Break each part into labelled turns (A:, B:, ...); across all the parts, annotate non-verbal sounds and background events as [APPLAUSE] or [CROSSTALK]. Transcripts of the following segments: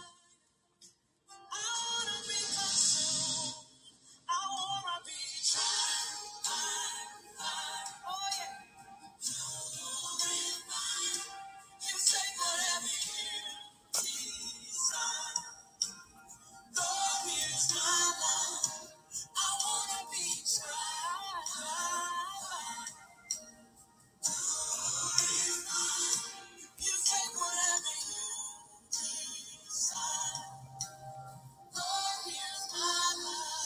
A: I wanna be consumed. I wanna be tried. Oh yeah. You say whatever you desire. Lord, here's my life. I wanna be tried. You say whatever you desire. Lord, here's my life.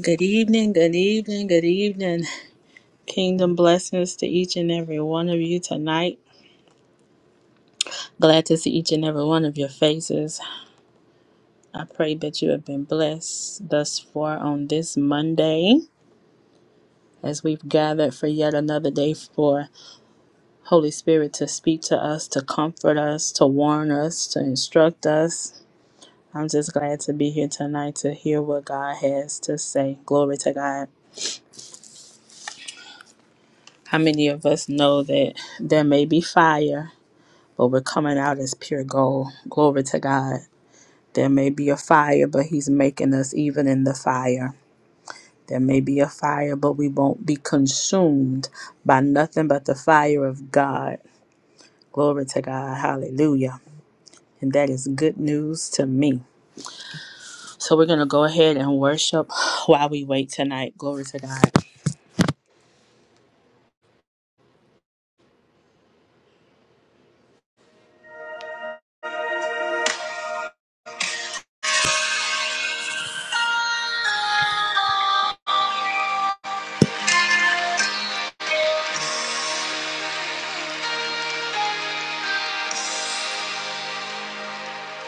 A: Good evening, good evening, good evening. Kingdom blessings to each and every one of you tonight. Glad to see each and every one of your faces. I pray that you have been blessed thus far on this Monday as we've gathered for yet another day for Holy Spirit to speak to us, to comfort us, to warn us, to instruct us. I'm just glad to be here tonight to hear what God has to say. Glory to God. How many of us know that there may be fire? but we're coming out as pure gold. Glory to God. There may be a fire, but He's making us even in the fire. There may be a fire, but we won't be consumed by nothing but the fire of God. Glory to God. Hallelujah. And that is good news to me. So we're going to go ahead and worship while we wait tonight. Glory to God.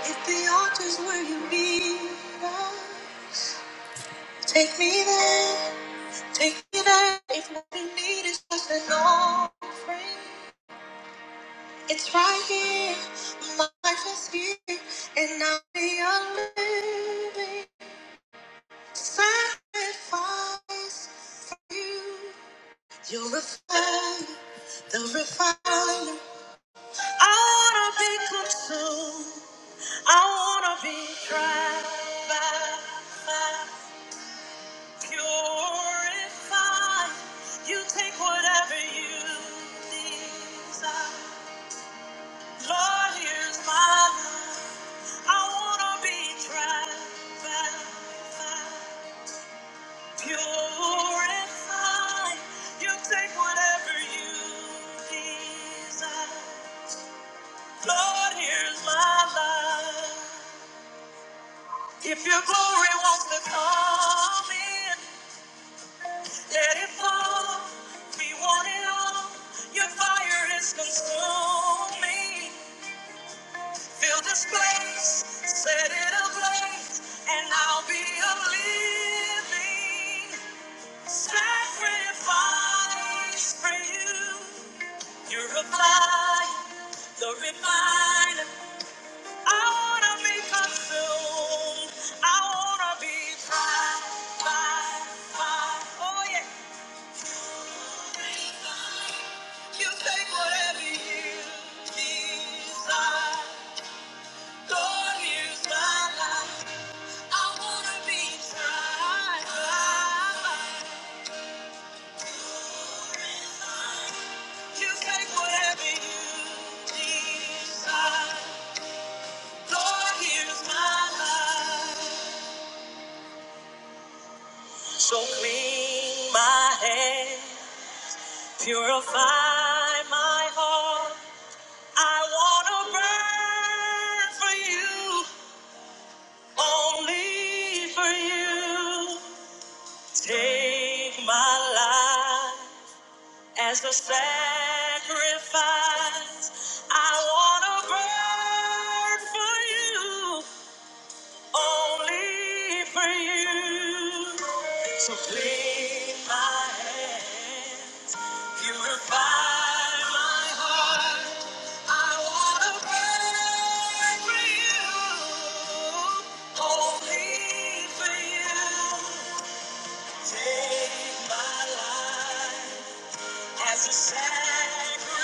A: If the altar's where you belong, take me there, take me there. If what you need is just an offering, it's right here. My life is here, and I'll be a living sacrifice for you. You're a fire, the refiner. I wanna be consumed. I wanna be tried by fire. Purify. You take whatever you desire. Lord, here's my life. I wanna be tried Purify. You take whatever you desire. Lord, here's my life. If your glory wants to come in. Let it fall. We want it all. Your fire is consuming. Fill this place, set it ablaze, and I'll be a living sacrifice for you. You're a fire, the refiner. I wanna be consumed. I wanna be tried by fire. Oh yeah. You take whatever you desire. Lord, here's my life. I wanna be tried. You take whatever you desire. Lord, here's my life. So clean my hands, purify my heart. I wanna burn for you, only for you. Take my life as a sacrifice. I wanna burn for you, only for you. So clean my hands. Purify my heart. I wanna burn for you. Holy for you. Take my life as a sacrifice.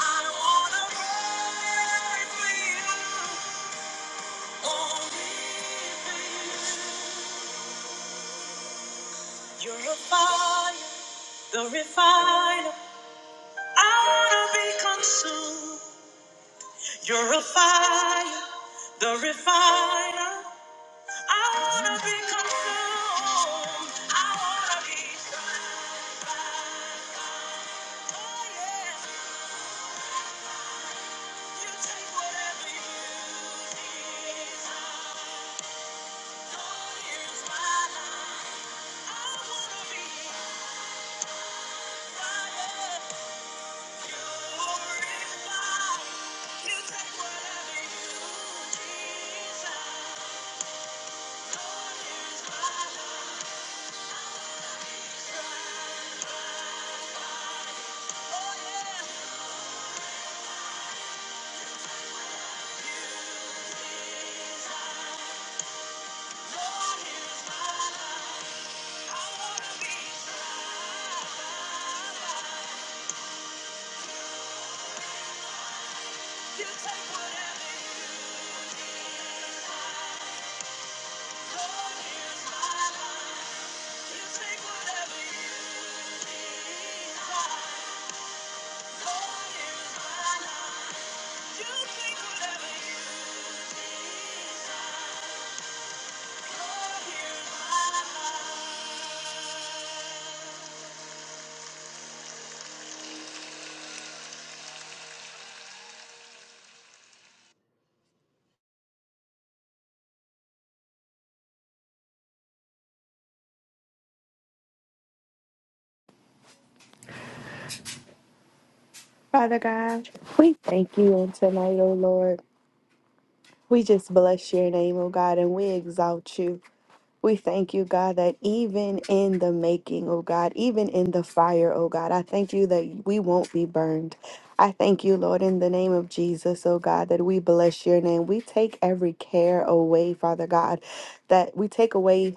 A: I wanna burn for you. Only for you. You're a fire, the refiner. I wanna be consumed. You're a fire, the refiner. I wanna be consumed. I wanna be tried by fire. Oh yeah, you take whatever you desire. Lord, here's my life. I wanna be fire. You're in fire. You take whatever you desire. Lord, here's my life. You take whatever you desire.
B: Father God, we thank you on tonight, O Lord. We just bless your name, O God, and we exalt you. We thank you, God, that even in the making, O God, even in the fire, O God, I thank you that we won't be burned. I thank you, Lord, in the name of Jesus, O God, that we bless your name. We take every care away, Father God, that we take away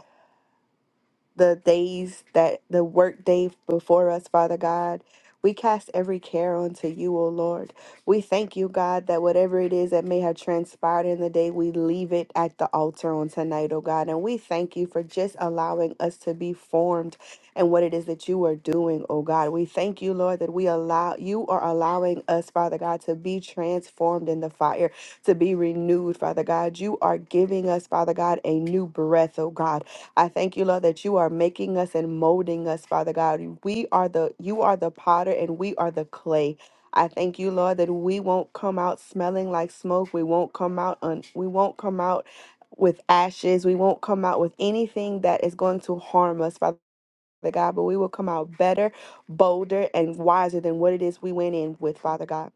B: the days that the work day before us, Father God. We cast every care onto you, O Lord. We thank you, God, that whatever it is that may have transpired in the day, we leave it at the altar on tonight, O God. And we thank you for just allowing us to be formed in what it is that you are doing, O God. We thank you, Lord, that we allow you are allowing us, Father God, to be transformed in the fire, to be renewed, Father God. You are giving us, Father God, a new breath, O God. I thank you, Lord, that you are making us and molding us, Father God. We are the you are the potter and we are the clay. I thank you, Lord, that we won't come out smelling like smoke. We won't come out un, we won't come out with ashes. We won't come out with anything that is going to harm us, Father God, but we will come out better, bolder, and wiser than what it is we went in with, Father God.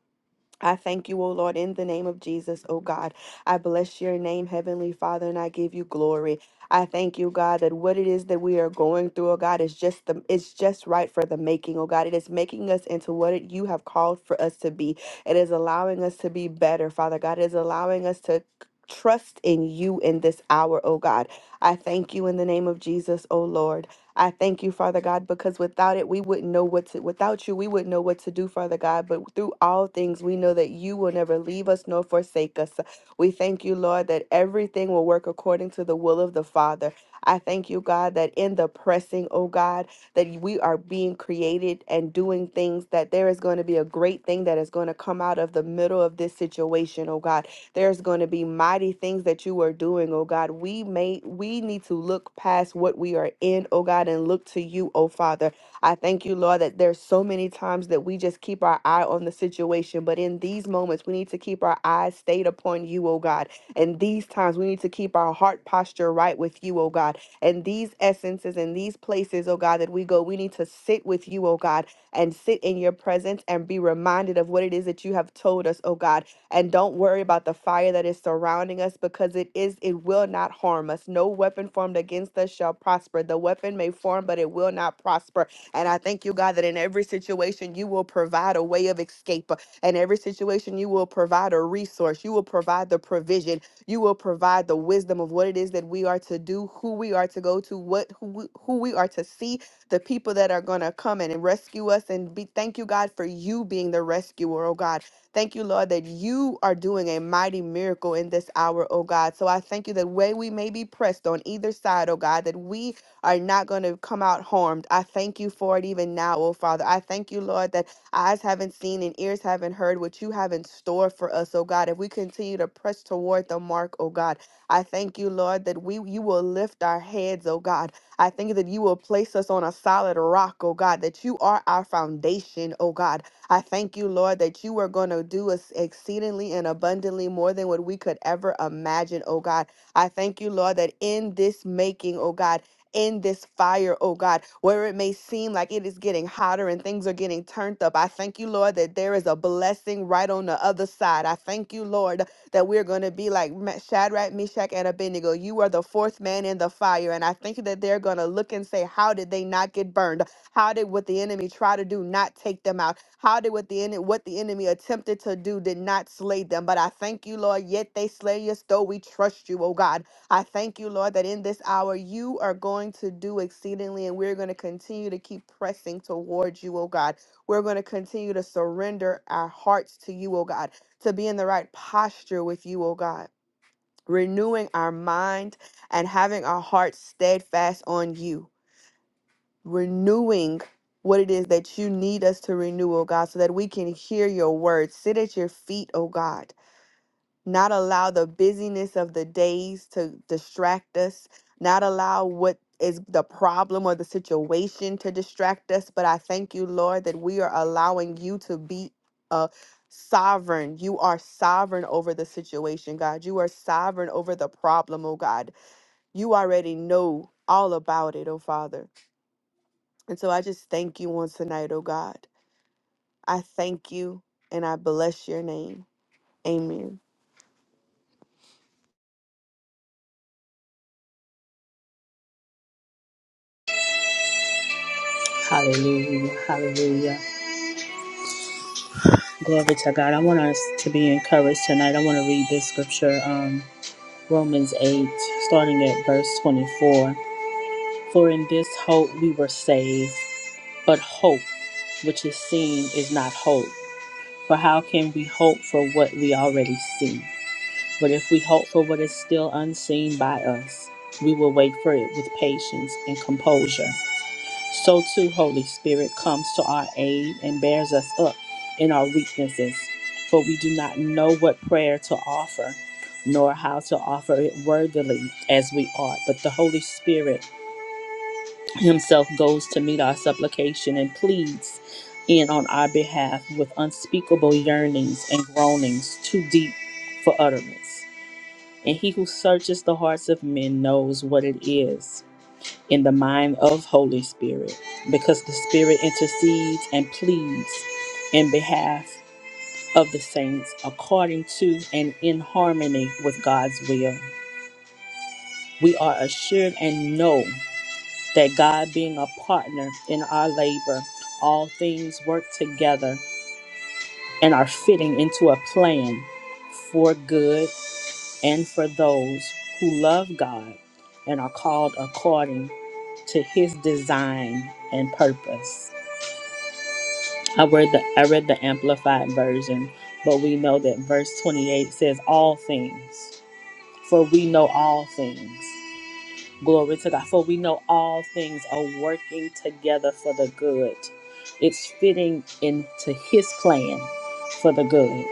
B: I thank you, O Lord, in the name of Jesus, O God. I bless your name, Heavenly Father, and I give you glory. I thank you, God, that what it is that we are going through, O God, is just the it's just right for the making, O God. It is making us into what it, you have called for us to be. It is allowing us to be better, Father God. It is allowing us to trust in you in this hour, O God. I thank you in the name of Jesus, O Lord. I thank you, Father God, because without it, we wouldn't know what to, without you, we wouldn't know what to do, Father God. But through all things, we know that you will never leave us nor forsake us. We thank you, Lord, that everything will work according to the will of the Father. I thank you, God, that in the pressing, oh God, that we are being created and doing things, that there is going to be a great thing that is going to come out of the middle of this situation, oh God. There's going to be mighty things that you are doing, oh God. We may we need to look past what we are in, oh God, and look to you, oh Father. I thank you, Lord, that there's so many times that we just keep our eye on the situation, but in these moments we need to keep our eyes stayed upon you, oh God. And these times we need to keep our heart posture right with you, oh God. And these essences and these places, oh God, that we go, we need to sit with you, oh God, and sit in your presence and be reminded of what it is that you have told us, oh God. And don't worry about the fire that is surrounding us because it is it will not harm us. No weapon formed against us shall prosper. The weapon may form, but it will not prosper. And I thank you, God, that in every situation you will provide a way of escape. In every situation you will provide a resource. You will provide the provision. You will provide the wisdom of what it is that we are to do, who we are to go to, what who we, who we are to see, the people that are going to come in and rescue us and be thank you God for you being the rescuer, oh God. Thank you, Lord, that you are doing a mighty miracle in this hour, oh God. So I thank you that way we may be pressed on either side, oh God, that we are not going to come out harmed. I thank you for it even now, oh Father. I thank you, Lord, that eyes haven't seen and ears haven't heard what you have in store for us, oh God. If we continue to press toward the mark, oh God, I thank you, Lord, that we you will lift our heads, oh God. I thank you that you will place us on a solid rock, oh God, that you are our foundation, oh God. I thank you, Lord, that you are going to do us exceedingly and abundantly more than what we could ever imagine, oh God. I thank you, Lord, that in this making, oh God, in this fire, oh God, where it may seem like it is getting hotter and things are getting turned up. I thank you, Lord, that there is a blessing right on the other side. I thank you, Lord, that we're going to be like Ma- Shadrach, Meshach, and Abednego. You are the fourth man in the fire. And I think that they're going to look and say, How did they not get burned? How did what the enemy try to do not take them out? how did what the enemy what the enemy attempted to do did not slay them. But I thank you, Lord, yet they slay us, though we trust you, oh God. I thank you, Lord, that in this hour you are going to do exceedingly, and we're going to continue to keep pressing towards you, oh God. We're going to continue to surrender our hearts to you, oh God, to be in the right posture with you, oh God. Renewing our mind and having our hearts steadfast on you renewing what it is that you need us to renew, oh God, so that we can hear your word. Sit at your feet, oh God. Not allow the busyness of the days to distract us, not allow what is the problem or the situation to distract us. But I thank you, Lord, that we are allowing you to be a sovereign. You are sovereign over the situation, God. You are sovereign over the problem, oh God. You already know all about it, oh Father. And so I just thank you once tonight, oh God. I thank you and I bless your name. Amen.
A: Hallelujah. Hallelujah. Glory to God. I want us to be encouraged tonight. I want to read this scripture, um, Romans 8, starting at verse 24. For in this hope we were saved, but hope which is seen is not hope. For how can we hope for what we already see? But if we hope for what is still unseen by us, we will wait for it with patience and composure. So too, Holy Spirit comes to our aid and bears us up in our weaknesses, for we do not know what prayer to offer, nor how to offer it worthily as we ought. But the Holy Spirit Himself goes to meet our supplication and pleads in on our behalf with unspeakable yearnings and groanings too deep for utterance. And He who searches the hearts of men knows what it is in the mind of Holy Spirit because the Spirit intercedes and pleads in behalf of the saints according to and in harmony with God's will. We are assured and know that God being a partner in our labor, all things work together and are fitting into a plan for good and for those who love God and are called according to his design and purpose. I read the I read the amplified version, but we know that verse 28 says all things. For we know all things. Glory to God. For we know all things are working together for the good. It's fitting into his plan for the good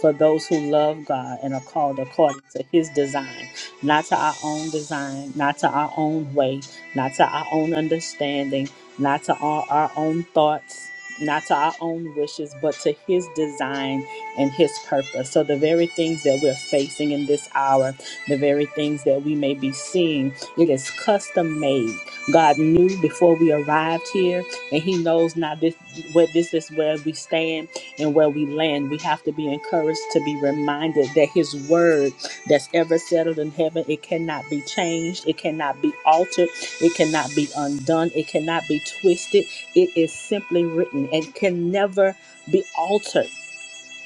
A: for those who love God and are called according to his design, not to our own design, not to our own way, not to our own understanding, not to our, our own thoughts, not to our own wishes, but to his design and his purpose. So, the very things that we're facing in this hour, the very things that we may be seeing, it is custom made. God knew before we arrived here, and he knows now this where this is where we stand and where we land, we have to be encouraged to be reminded that His word that's ever settled in heaven, it cannot be changed, it cannot be altered, it cannot be undone, it cannot be twisted. It is simply written and can never be altered.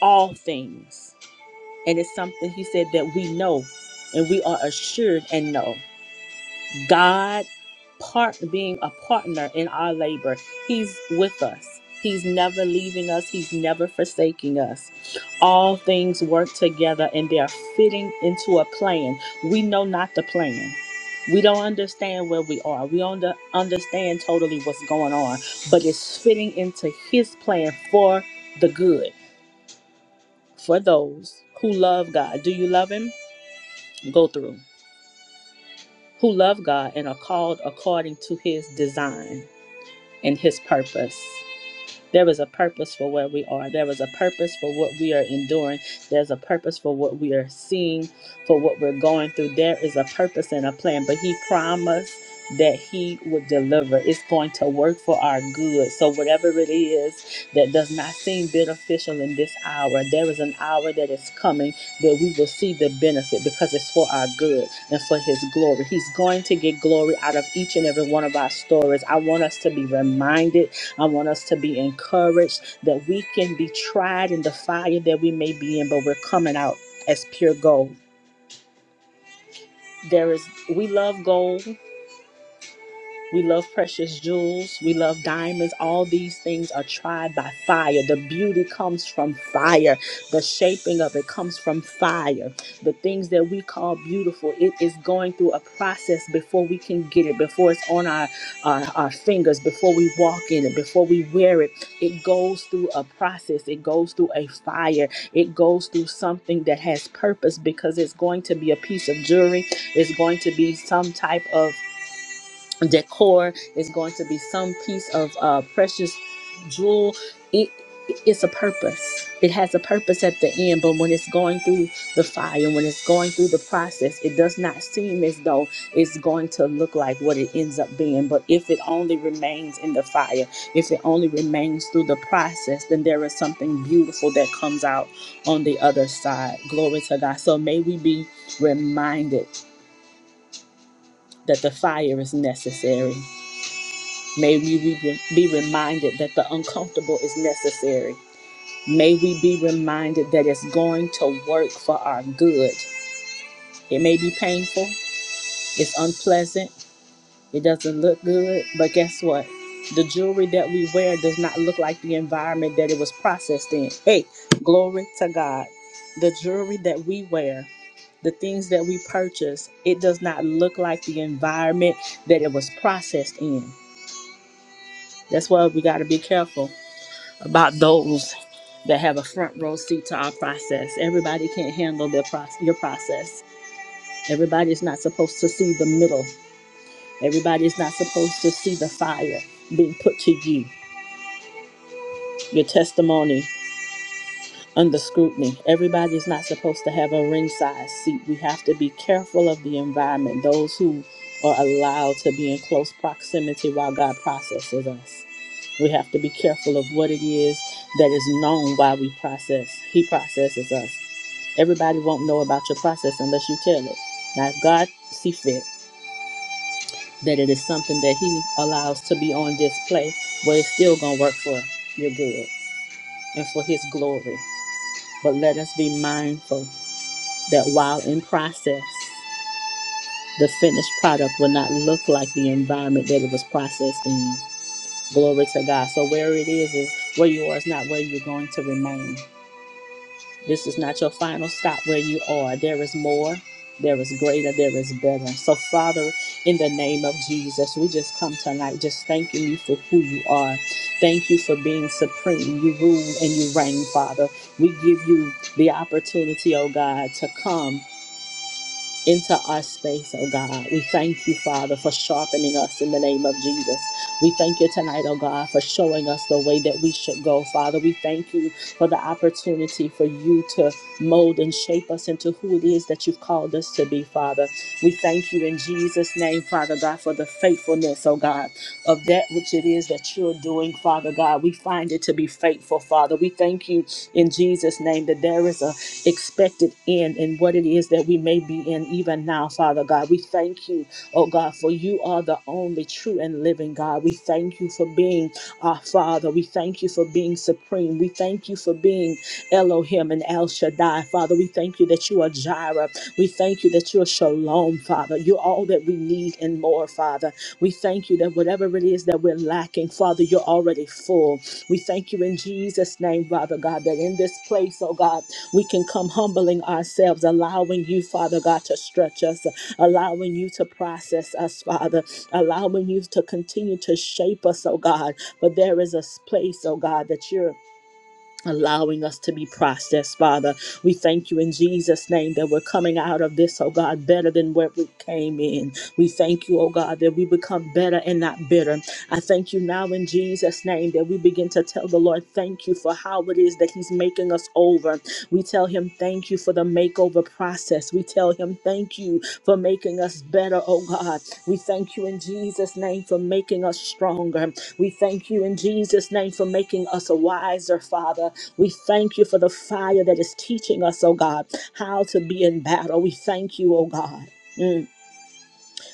A: All things. And it's something He said that we know and we are assured and know. God part being a partner in our labor. He's with us. He's never leaving us. He's never forsaking us. All things work together and they're fitting into a plan. We know not the plan. We don't understand where we are. We don't understand totally what's going on, but it's fitting into his plan for the good for those who love God. Do you love him? Go through. Who love God and are called according to his design and His purpose. There is a purpose for where we are. There is a purpose for what we are enduring. There's a purpose for what we are seeing, for what we're going through. There is a purpose and a plan, but He promised that He would deliver. It's going to work for our good. So, whatever it is that does not seem beneficial in this hour, there is an hour that is coming that we will see the benefit because it's for our good and for His glory. He's going to get glory out of each and every one of our stories. I want us to be reminded I want us to be encouraged that we can be tried in the fire that we may be in, but we're coming out as pure gold. There is, we love gold We love precious jewels. We love diamonds. All these things are tried by fire. The beauty comes from fire. The shaping of it comes from fire. The things that we call beautiful, it is going through a process before we can get it, before it's on our, our, our fingers, before we walk in it, before we wear it. It goes through a process. It goes through a fire. It goes through something that has purpose because it's going to be a piece of jewelry. It's going to be some type of decor is going to be some piece of uh, precious jewel. It it's a purpose. It has a purpose at the end, but when it's going through the fire, when it's going through the process, it does not seem as though it's going to look like what it ends up being. But if it only remains in the fire, if it only remains through the process, then there is something beautiful that comes out on the other side. Glory to God. So may we be reminded that the fire is necessary May we be reminded that the uncomfortable is necessary. May we be reminded that it's going to work for our good. It may be painful, it's unpleasant, it doesn't look good, but guess what? The jewelry that we wear does not look like the environment that it was processed in. Hey, glory to God. The jewelry that we wear, the things that we purchase, it does not look like the environment that it was processed in. That's why we got to be careful about those that have a front row seat to our process. Everybody can't handle their process, your process. Everybody's not supposed to see the middle. Everybody's not supposed to see the fire being put to you, your testimony. under scrutiny. Everybody's not supposed to have a ringside seat. We have to be careful of the environment, those who are allowed to be in close proximity while God processes us. We have to be careful of what it is that is known while we process. He processes us. Everybody won't know about your process unless you tell it. Now, if God see fit that it is something that He allows to be on display, well, it's still going to work for your good and for His glory. But let us be mindful that while in process, the finished product will not look like the environment that it was processed in. Glory to God. So where it is is where you are is not where you're going to remain. This is not your final stop where you are. There is more. There is greater. There is better. So Father, in the name of Jesus, we just come tonight just thanking you for who you are. Thank you for being supreme. You rule and you reign, Father. We give you the opportunity, oh God, to come into our space, oh God. We thank you, Father, for sharpening us in the name of Jesus. We thank you tonight, oh God, for showing us the way that we should go, Father. We thank you for the opportunity for you to mold and shape us into who it is that you've called us to be, Father. We thank you in Jesus' name, Father God, for the faithfulness, oh God, of that which it is that you're doing, Father God. We find it to be faithful, Father. We thank you in Jesus' name that there is a expected in and what it is that we may be in even now, Father God. We thank you, oh God, for you are the only true and living God. We thank you for being our Father. We thank you for being supreme. We thank you for being Elohim and El Shaddai, Father. We thank you that you are Jireh. We thank you that you're Shalom, Father. You're all that we need and more, Father. We thank you that whatever it is that we're lacking, Father, you're already full. We thank you in Jesus' name, Father God, that in this place, oh God, we can come humbling ourselves, allowing you, Father God, to stretch us, allowing you to process us, Father, allowing you to continue to shape us, oh God. But there is a place, oh God, that you're allowing us to be processed, Father. We thank you in Jesus' name that we're coming out of this, oh God, better than where we came in. We thank you, oh God, that we become better and not bitter. I thank you now in Jesus' name that we begin to tell the Lord, thank you for how it is that He's making us over. We tell Him, thank you for the makeover process. We tell Him, thank you for making us better, oh God. We thank you in Jesus' name for making us stronger. We thank you in Jesus' name for making us wiser, Father. We thank you for the fire that is teaching us, oh God, how to be in battle. We thank you, oh God. mm,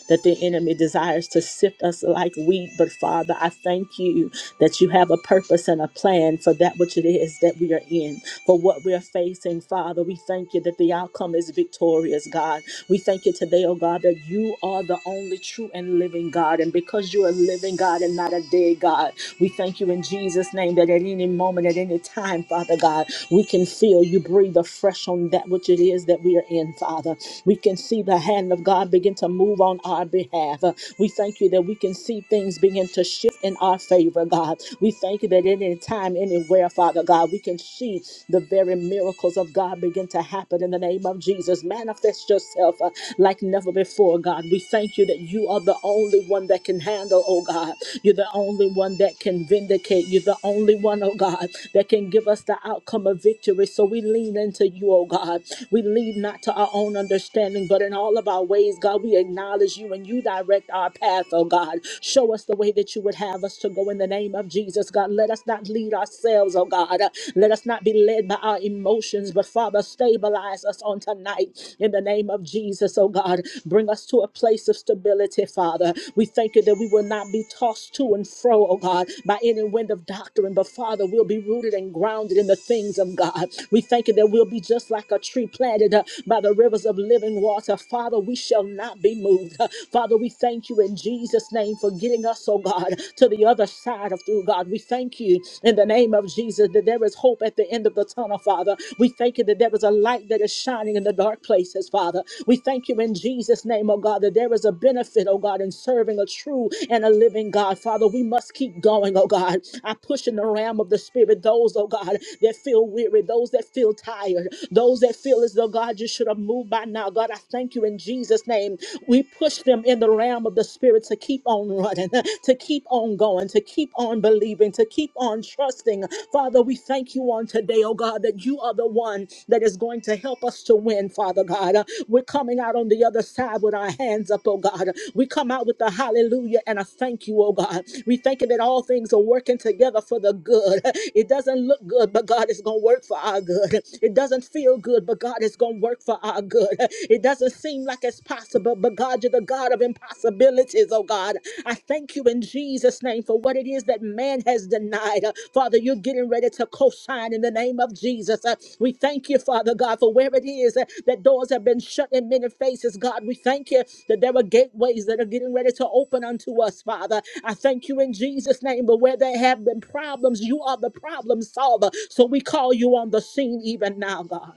A: that the enemy desires to sift us like wheat, but Father, I thank you that you have a purpose and a plan for that which it is that we are in, for what we are facing, Father. We thank you that the outcome is victorious, God. We thank you today, oh God, that you are the only true and living God, and because you are living God and not a dead God. We thank you in Jesus' name that at any moment, at any time, Father God, we can feel you breathe afresh on that which it is that we are in, Father. We can see the hand of God begin to move on our behalf. Uh, We thank you that we can see things begin to shift in our favor, God. We thank you that at any time, anywhere, Father God, we can see the very miracles of God begin to happen in the name of Jesus. Manifest yourself uh, like never before, God. We thank you that you are the only one that can handle, oh God. You're the only one that can vindicate. You're the only one, oh God, that can give us the outcome of victory. So we lean into you, oh God. We lean not to our own understanding, but in all of our ways, God, we acknowledge you and you direct our path, oh God. Show us the way that you would have us to go in the name of Jesus, God. Let us not lead ourselves, oh God. Let us not be led by our emotions, but Father, stabilize us on tonight in the name of Jesus, oh God. God. Bring us to a place of stability, Father. We thank you that we will not be tossed to and fro, oh God, by any wind of doctrine, but Father, we'll be rooted and grounded in the things of God. We thank you that we'll be just like a tree planted uh, by the rivers of living water. Father, we shall not be moved. Uh, Father, we thank you in Jesus' name for getting us, oh God, to the other side of through God. We thank you in the name of Jesus that there is hope at the end of the tunnel, Father. Father. We thank you that there is a light that is shining in the dark places, Father. We thank you in Jesus' name, oh God, that there is a benefit, oh God, in serving a true and a living God. Father, we must keep going, oh God. I push in the realm of the Spirit those, oh God, that feel weary, those that feel tired, those that feel as though, God, you should have moved by now. God, I thank you in Jesus' name. We push them in the realm of the Spirit to keep on running, [LAUGHS] to keep on going, to keep keep on believing, to keep on trusting. Father, we thank you on today, oh God, that you are the one that is going to help us to win, Father God. Uh, We're coming out on the other side with our hands up, oh God. We come out with a hallelujah and a thank you, oh God. We thank you that all things are working together for the good. [LAUGHS] It doesn't look good, but God is going to work for our good. It doesn't feel good, but God is going to work for our good. [LAUGHS] It doesn't seem like it's possible, but God, to the God of impossibilities, oh God. I thank you in Jesus' name for what it is that man has denied. Uh, Father, you're getting ready to co sign in the name of Jesus. Uh, We thank you, Father God, for where it is uh, that doors have been shut in many faces, God. We thank you that there are gateways that are getting ready to open unto us, Father. I thank you in Jesus' name, but where there have been problems, you are the problem solver. So we call you on the scene even now, God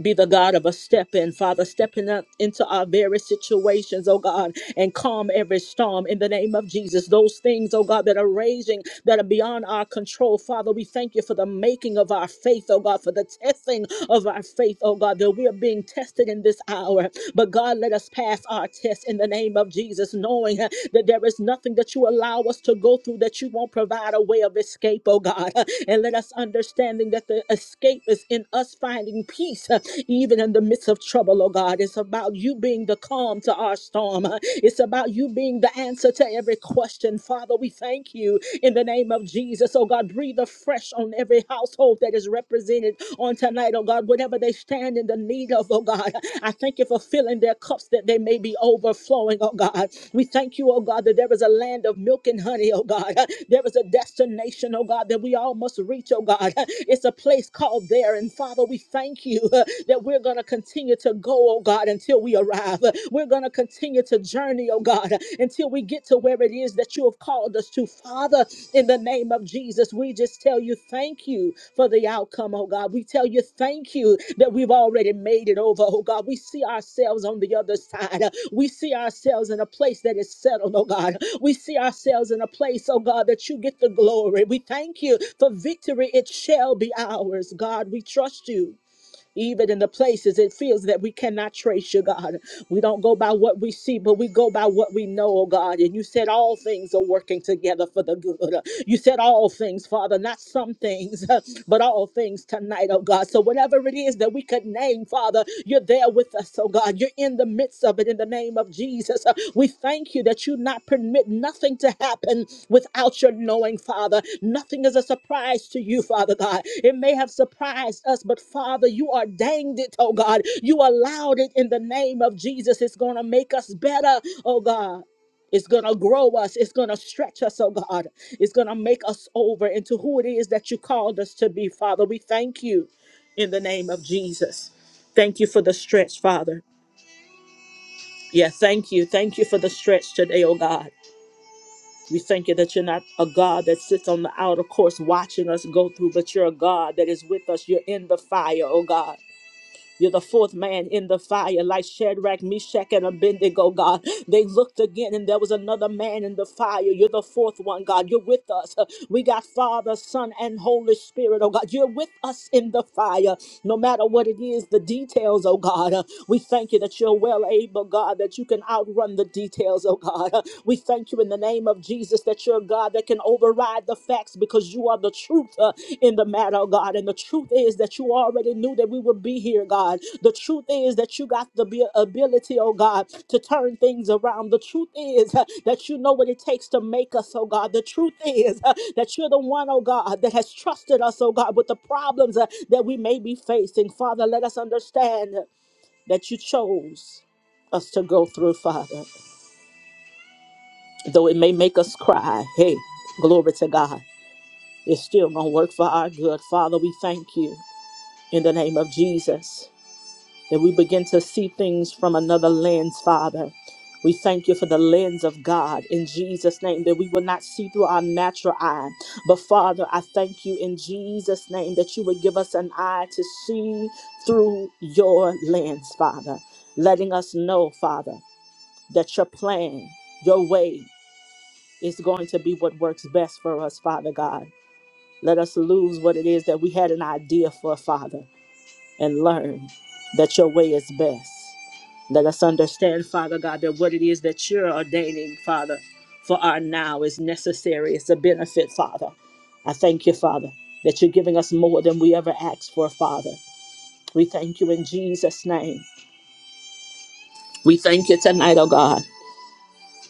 A: be the God of a step in, Father, stepping up into our very situations, oh God, and calm every storm in the name of Jesus. Those things, oh God, that are raging, that are beyond our control, Father, we thank you for the making of our faith, oh God, for the testing of our faith, oh God, that we are being tested in this hour. But God, let us pass our test in the name of Jesus, knowing uh, that there is nothing that you allow us to go through that you won't provide a way of escape, oh God. [LAUGHS] And let us understanding that the escape is in us finding peace peace, uh, even in the midst of trouble, oh God. It's about you being the calm to our storm. uh, It's about you being the answer to every question. Father, we thank you in the name of Jesus, oh God. Breathe afresh on every household that is represented on tonight, oh God. Whatever they stand in the need of, oh God, I thank you for filling their cups that they may be overflowing, oh God. We thank you, oh God, that there is a land of milk and honey, oh God. [LAUGHS] There is a destination, oh God, that we all must reach, oh God. [LAUGHS] It's a place called there. And Father, we thank thank you uh, that we're going to continue to go, oh God, until we arrive. Uh, We're going to continue to journey, oh God, uh, until we get to where it is that you have called us to. Father, in the name of Jesus, we just tell you thank you for the outcome, oh God. We tell you thank you that we've already made it over, oh God. We see ourselves on the other side. Uh, We see ourselves in a place that is settled, oh God. We see ourselves in a place, oh God, that you get the glory. We thank you for victory. It shall be ours, God. We trust you even in the places it feels that we cannot trace you, God. We don't go by what we see, but we go by what we know, oh God. And you said all things are working together for the good. You said all things, Father, not some things, [LAUGHS] but all things tonight, oh God. So whatever it is that we could name, Father, you're there with us, oh God. You're in the midst of it in the name of Jesus. Uh, We thank you that you not permit nothing to happen without your knowing, Father. Nothing is a surprise to you, Father God. It may have surprised us, but Father, you ordained it, oh God. You allowed it in the name of Jesus. It's going to make us better, oh God. It's going to grow us. It's going to stretch us, oh God. It's going to make us over into who it is that you called us to be, Father. We thank you in the name of Jesus. Thank you for the stretch, Father. Yeah, thank you. Thank you for the stretch today, oh God. We thank you that you're not a God that sits on the outer course watching us go through, but you're a God that is with us. You're in the fire, oh God. You're the fourth man in the fire, like Shadrach, Meshach, and Abednego, God. They looked again, and there was another man in the fire. You're the fourth one, God. You're with us. We got Father, Son, and Holy Spirit, oh God. You're with us in the fire, no matter what it is, the details, oh God. Uh, We thank you that you're well able, God, that you can outrun the details, oh God. Uh, We thank you in the name of Jesus that you're God. God, that can override the facts because you are the truth uh, in the matter, oh God. And the truth is that you already knew that we would be here, God. The truth is that you got the abi- ability, oh God, to turn things around. The truth is uh, that you know what it takes to make us, oh God. The truth is uh, that you're the one, oh God, that has trusted us, oh God, with the problems uh, that we may be facing. Father, let us understand that you chose us to go through, Father, though it may make us cry. Hey, glory to God. It's still going to work for our good. Father, we thank you in the name of Jesus that we begin to see things from another lens, Father. We thank you for the lens of God in Jesus' name that we will not see through our natural eye. But Father, I thank you in Jesus' name that you would give us an eye to see through your lens, Father, letting us know, Father, that your plan, your way is going to be what works best for us, Father God. Let us lose what it is that we had an idea for, Father, and learn that your way is best. Let us understand, Father God, that what it is that you're ordaining, Father, for our now is necessary. It's a benefit, Father. I thank you, Father, that you're giving us more than we ever asked for, Father. We thank you in Jesus' name. We thank you tonight, oh God,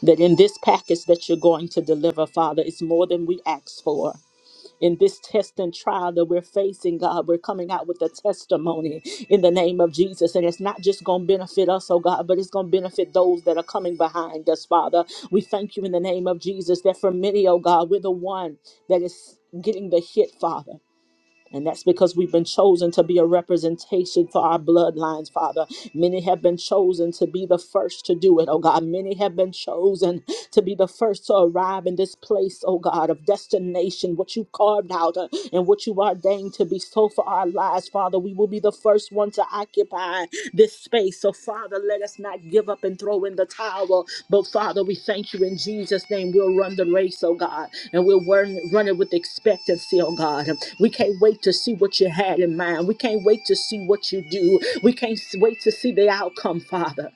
A: that in this package that you're going to deliver, Father, it's more than we asked for. in this test and trial that we're facing, God. We're coming out with a testimony in the name of Jesus. And it's not just going to benefit us, oh God, but it's going to benefit those that are coming behind us, Father. We thank you in the name of Jesus that for many, oh God, we're the one that is getting the hit, Father. And that's because we've been chosen to be a representation for our bloodlines, Father. Many have been chosen to be the first to do it, oh God. Many have been chosen to be the first to arrive in this place, oh God, of destination, what you carved out uh, and what you ordained to be so for our lives, Father. We will be the first ones on to occupy this space. So, Father, let us not give up and throw in the towel. But, Father, we thank you in Jesus' name. We'll run the race, oh God, and we'll run, run it with expectancy, oh God. We can't wait to see what you had in mind. We can't wait to see what you do. We can't wait to see the outcome, Father.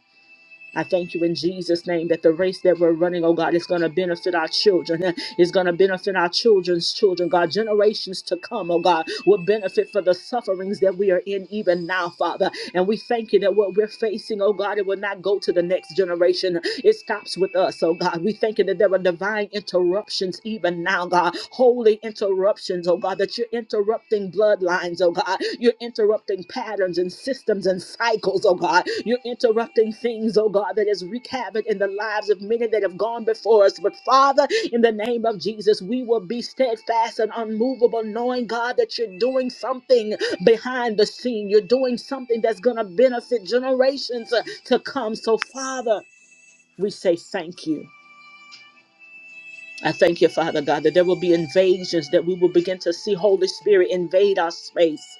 A: I thank you in Jesus' name that the race that we're running, oh God, is going to benefit our children. eh? It's going to benefit our children's children, God. Generations to come, oh God, will benefit for the sufferings that we are in even now, Father. And we thank you that what we're facing, oh God, it will not go to the next generation. It stops with us, oh God. We thank you that there are divine interruptions even now, God. Holy interruptions, oh God, that you're interrupting bloodlines, oh God. You're interrupting patterns and systems and cycles, oh God. You're interrupting things, oh God, that has wreaked havoc in the lives of many that have gone before us. But Father, in the name of Jesus, we will be steadfast and unmovable, knowing, God, that you're doing something behind the scene. You're doing something that's going to benefit generations uh, to come. So, Father, we say thank you. I thank you, Father God, that there will be invasions, that we will begin to see Holy Spirit invade our space.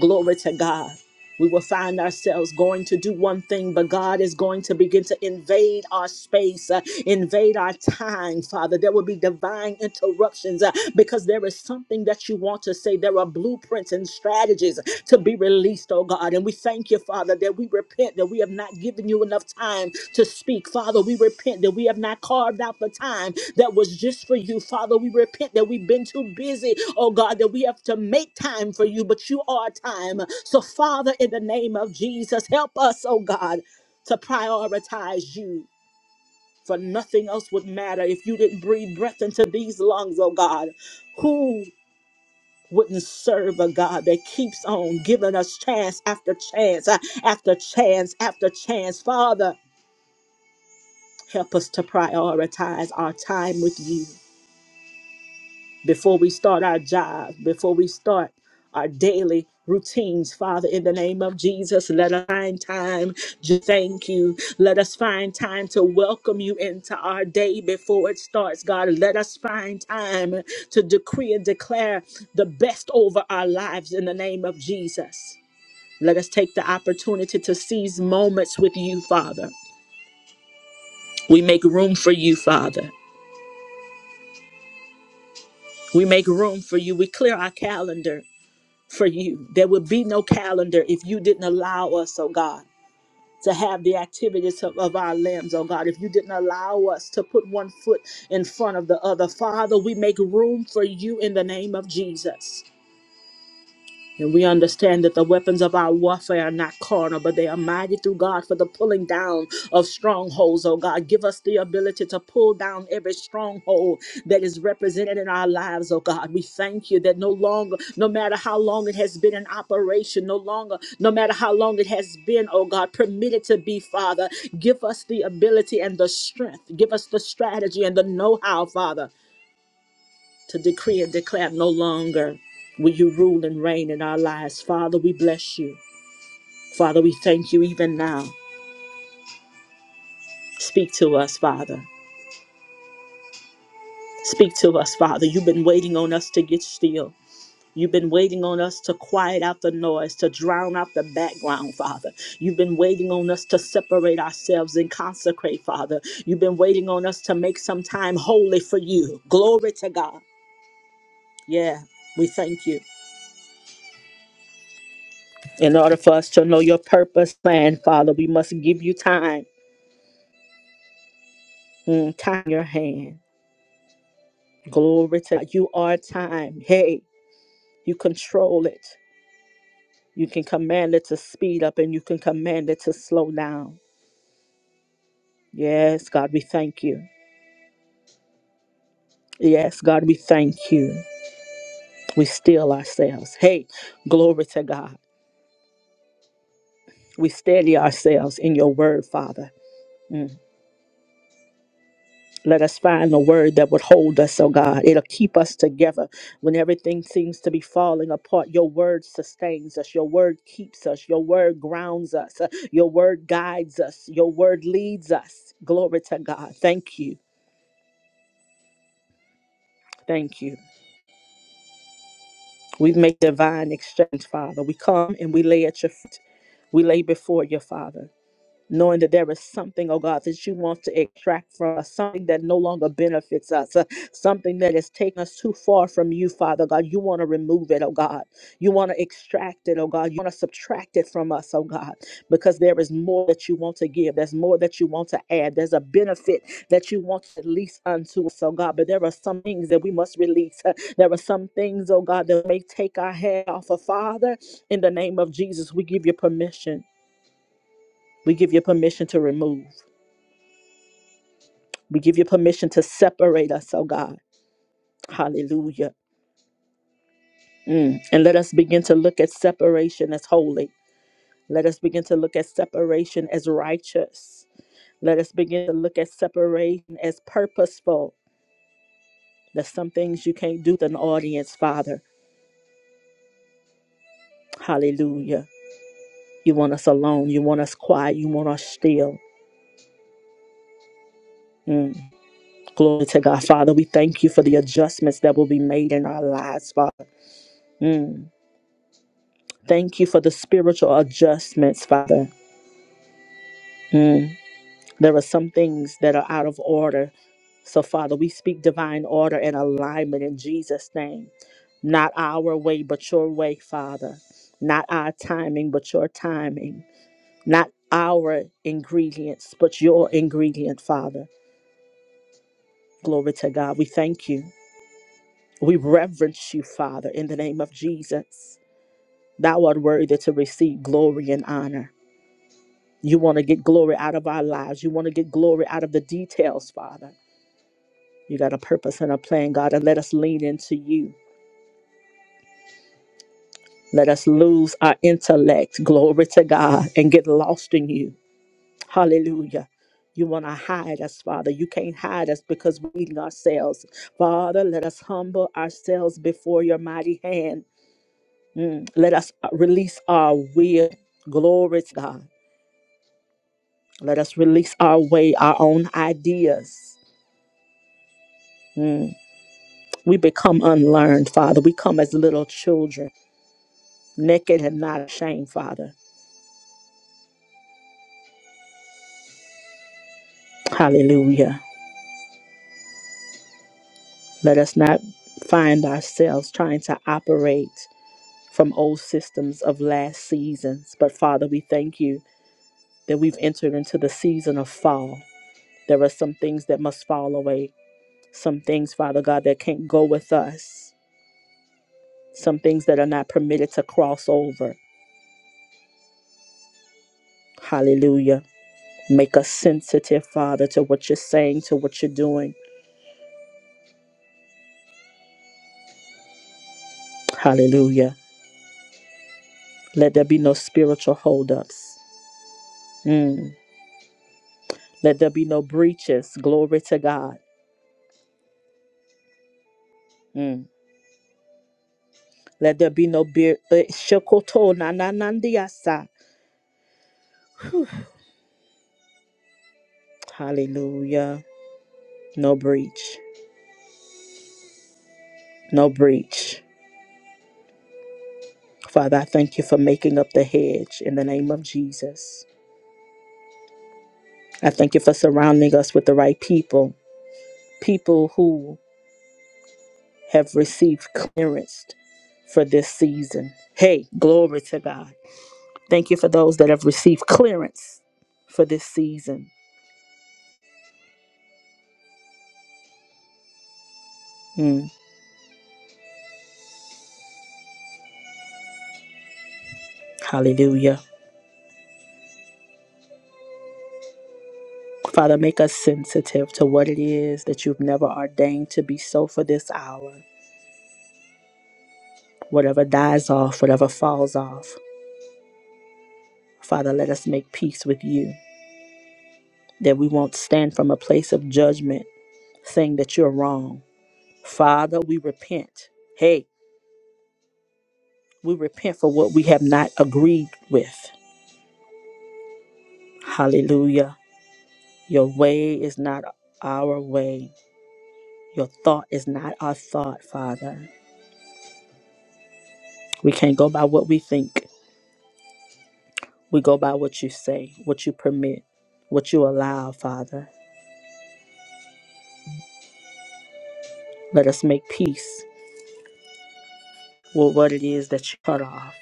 A: Glory to God. We will find ourselves going to do one thing, but God is going to begin to invade our space, uh, invade our time, Father. There will be divine interruptions uh, because there is something that you want to say. There are blueprints and strategies to be released, oh God. And we thank you, Father. We repent that we have not given you enough time to speak. Father, we repent that we have not carved out the time that was just for you. Father, we repent that we've been too busy, oh God, that we have to make time for you, but you are time. So, Father, in the name of Jesus, help us, oh God, to prioritize you. For nothing else would matter if you didn't breathe breath into these lungs, oh God. Who? wouldn't serve a God that keeps on giving us chance after chance uh, after chance after chance. Father, help us to prioritize our time with you before we start our jobs, before we start our daily routines, Father, in the name of Jesus. Let us find time to thank you. Let us find time to welcome you into our day before it starts, God. Let us find time to decree and declare the best over our lives in the name of Jesus. Let us take the opportunity to seize moments with you, Father. We make room for you, Father. We make room for you. We clear our calendar for you. There would be no calendar if you didn't allow us, oh God, to have the activities of, of our limbs, oh God, if you didn't allow us to put one foot in front of the other. Father, we make room for you in the name of Jesus. And we understand that the weapons of our warfare are not carnal, but they are mighty through God for the pulling down of strongholds, oh God. Give us the ability to pull down every stronghold that is represented in our lives, oh God. We thank you that no longer, no matter how long it has been in operation, no longer, no matter how long it has been, oh God, permitted to be, Father, give us the ability and the strength. Give us the strategy and the know how, Father to decree and declare no longer will you rule and reign in our lives. Father, we bless you. Father, we thank you even now. Speak to us, Father. Speak to us, Father. You've been waiting on us to get still. You've been waiting on us to quiet out the noise, to drown out the background, Father. You've been waiting on us to separate ourselves and consecrate, Father. You've been waiting on us to make some time holy for you. Glory to God. Yeah, we thank you. In order for us to know your purpose, plan, Father, we must give you time. Mm, time in your hand. Glory to God. You are time. Hey, you control it. You can command it to speed up and you can command it to slow down. Yes, God, we thank you. Yes, God, we thank you. We still ourselves. Hey, glory to God. We steady ourselves in your word, Father. Mm. Let us find a word that would hold us, oh God. It'll keep us together when everything seems to be falling apart. Your word sustains us. Your word keeps us. Your word grounds us. Your word guides us. Your word leads us. Glory to God. Thank you. Thank you. We make divine exchange, Father. We come and we lay at your feet. We lay before you, Father. knowing that there is something, oh God, that you want to extract from us, something that no longer benefits us, uh, something that has taken us too far from you, Father God. You want to remove it, oh God. You want to extract it, oh God. You want to subtract it from us, oh God, because there is more that you want to give. There's more that you want to add. There's a benefit that you want to release unto us, oh God. But there are some things that we must release. Uh, There are some things, oh God, that may take our head off of Father. In the name of Jesus, we give you permission we give you permission to remove. We give you permission to separate us, oh God. Hallelujah. Mm. And let us begin to look at separation as holy. Let us begin to look at separation as righteous. Let us begin to look at separation as purposeful. There's some things you can't do with an audience, Father. Hallelujah. You want us alone. You want us quiet. You want us still. Mm. Glory to God. Father, we thank you for the adjustments that will be made in our lives, Father. Mm. Thank you for the spiritual adjustments, Father. Mm. There are some things that are out of order. So, Father, we speak divine order and alignment in Jesus' name. Not our way, but your way, Father. Not our timing, but your timing. Not our ingredients, but your ingredient, Father. Glory to God. We thank you. We reverence you, Father, in the name of Jesus. Thou art worthy to receive glory and honor. You want to get glory out of our lives. You want to get glory out of the details, Father. You got a purpose and a plan, God, and let us lean into you. Let us lose our intellect, glory to God, and get lost in you. Hallelujah. You want to hide us, Father. You can't hide us because we're leading ourselves. Father, let us humble ourselves before your mighty hand. Mm. Let us release our will. Glory to God. Let us release our way, our own ideas. Mm. We become unlearned, Father. We come as little children, naked and not ashamed, Father. Hallelujah. Let us not find ourselves trying to operate from old systems of last seasons. But Father, we thank you that we've entered into the season of fall. There are some things that must fall away, some things, Father God, that can't go with us, some things that are not permitted to cross over. Hallelujah. Make us sensitive, Father, to what you're saying, to what you're doing. Hallelujah. Let there be no spiritual holdups. Mm. Let there be no breaches. Glory to God. Mm. Let there be no beer. eh, Shokoto na na nandiasa. Hallelujah. No breach. No breach. Father, I thank you for making up the hedge in the name of Jesus. I thank you for surrounding us with the right people, people who have received clearance for this season. Hey, glory to God. Thank you for those that have received clearance for this season. Mm. Hallelujah. Father, make us sensitive to what it is that you've never ordained to be so for this hour. Whatever dies off, whatever falls off, Father, let us make peace with you, that we won't stand from a place of judgment saying that you're wrong. Father, we repent. Hey, we repent for what we have not agreed with. Hallelujah. Your way is not our way. Your thought is not our thought, Father. We can't go by what we think. We go by what you say, what you permit, what you allow, Father. Let us make peace with what it is that you cut off.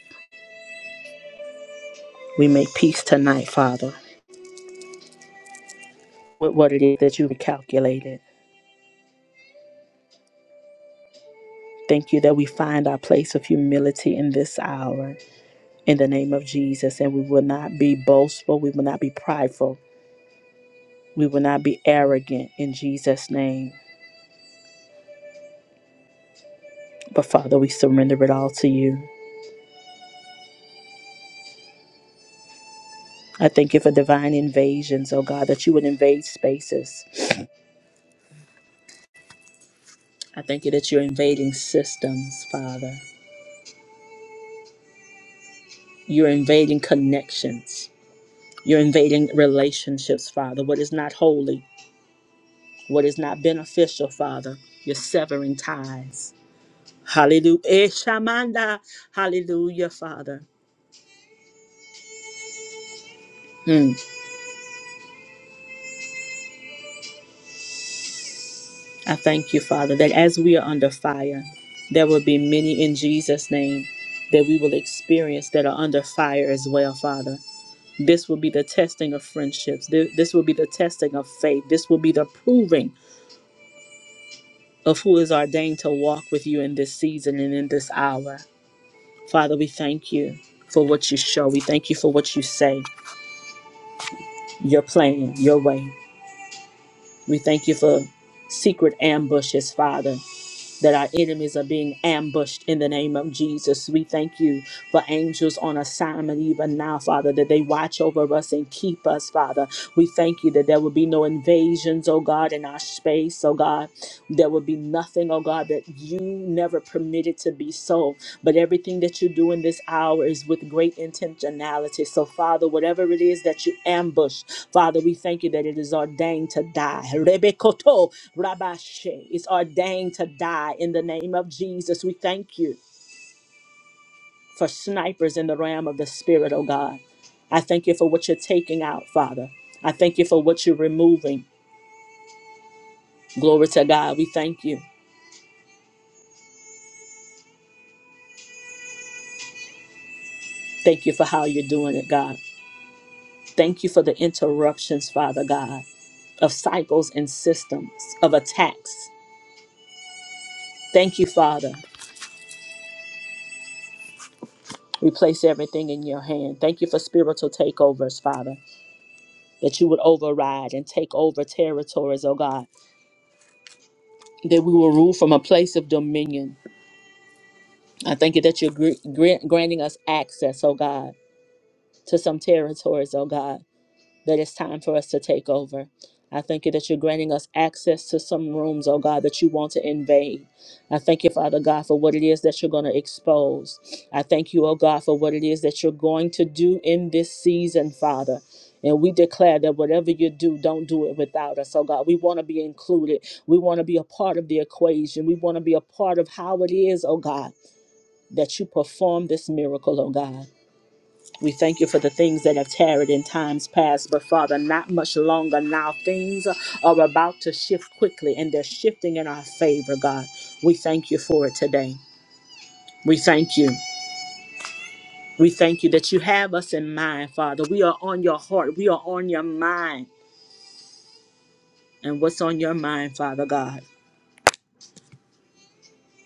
A: We make peace tonight, Father, with what it is that you recalculated. Thank you that we find our place of humility in this hour in the name of Jesus, and we will not be boastful, we will not be prideful, we will not be arrogant in Jesus' name. But Father, we surrender it all to you. I thank you for divine invasions, oh God, that you would invade spaces. I thank you that you're invading systems, Father. You're invading connections. You're invading relationships, Father. What is not holy, what is not beneficial, Father, you're severing ties. Hallelujah. Eh, Shamanda. Hallelujah, Father. Mm. I thank you, Father, that as we are under fire, there will be many in Jesus' name that we will experience that are under fire as well, Father. This will be the testing of friendships. Th- This will be the testing of faith. This will be the proving of who is ordained to walk with you in this season and in this hour. Father, we thank you for what you show. We thank you for what you say, your plan, your way. We thank you for secret ambushes, Father. that our enemies are being ambushed in the name of Jesus. We thank you for angels on assignment even now, Father, that they watch over us and keep us, Father. We thank you that there will be no invasions, oh God, in our space, oh God. There will be nothing, oh God, that you never permitted to be so. But everything that you do in this hour is with great intentionality. So, Father, whatever it is that you ambush, Father, we thank you that it is ordained to die. Rabashe is ordained to die in the name of Jesus. We thank you for snipers in the realm of the Spirit, oh God. I thank you for what you're taking out, Father. I thank you for what you're removing. Glory to God. We thank you. Thank you for how you're doing it, God. Thank you for the interruptions, Father God, of cycles and systems, of attacks. Thank you, Father. We place everything in your hand. Thank you for spiritual takeovers, Father, that you would override and take over territories, oh God that we will rule from a place of dominion. I thank you that you're gr- gr- granting us access, oh God, to some territories, oh God that it's time for us to take over. I thank you that you're granting us access to some rooms, oh God, that you want to invade. I thank you, Father God, for what it is that you're going to expose. I thank you, oh God, for what it is that you're going to do in this season, Father. And we declare that whatever you do, don't do it without us. Oh God, we want to be included. We want to be a part of the equation. We want to be a part of how it is, oh God, that you perform this miracle, oh God. We thank you for the things that have tarried in times past, but Father, not much longer now. Things are about to shift quickly, and they're shifting in our favor, God. We thank you for it today. We thank you. We thank you that you have us in mind, Father. We are on your heart, we are on your mind. And what's on your mind, Father God?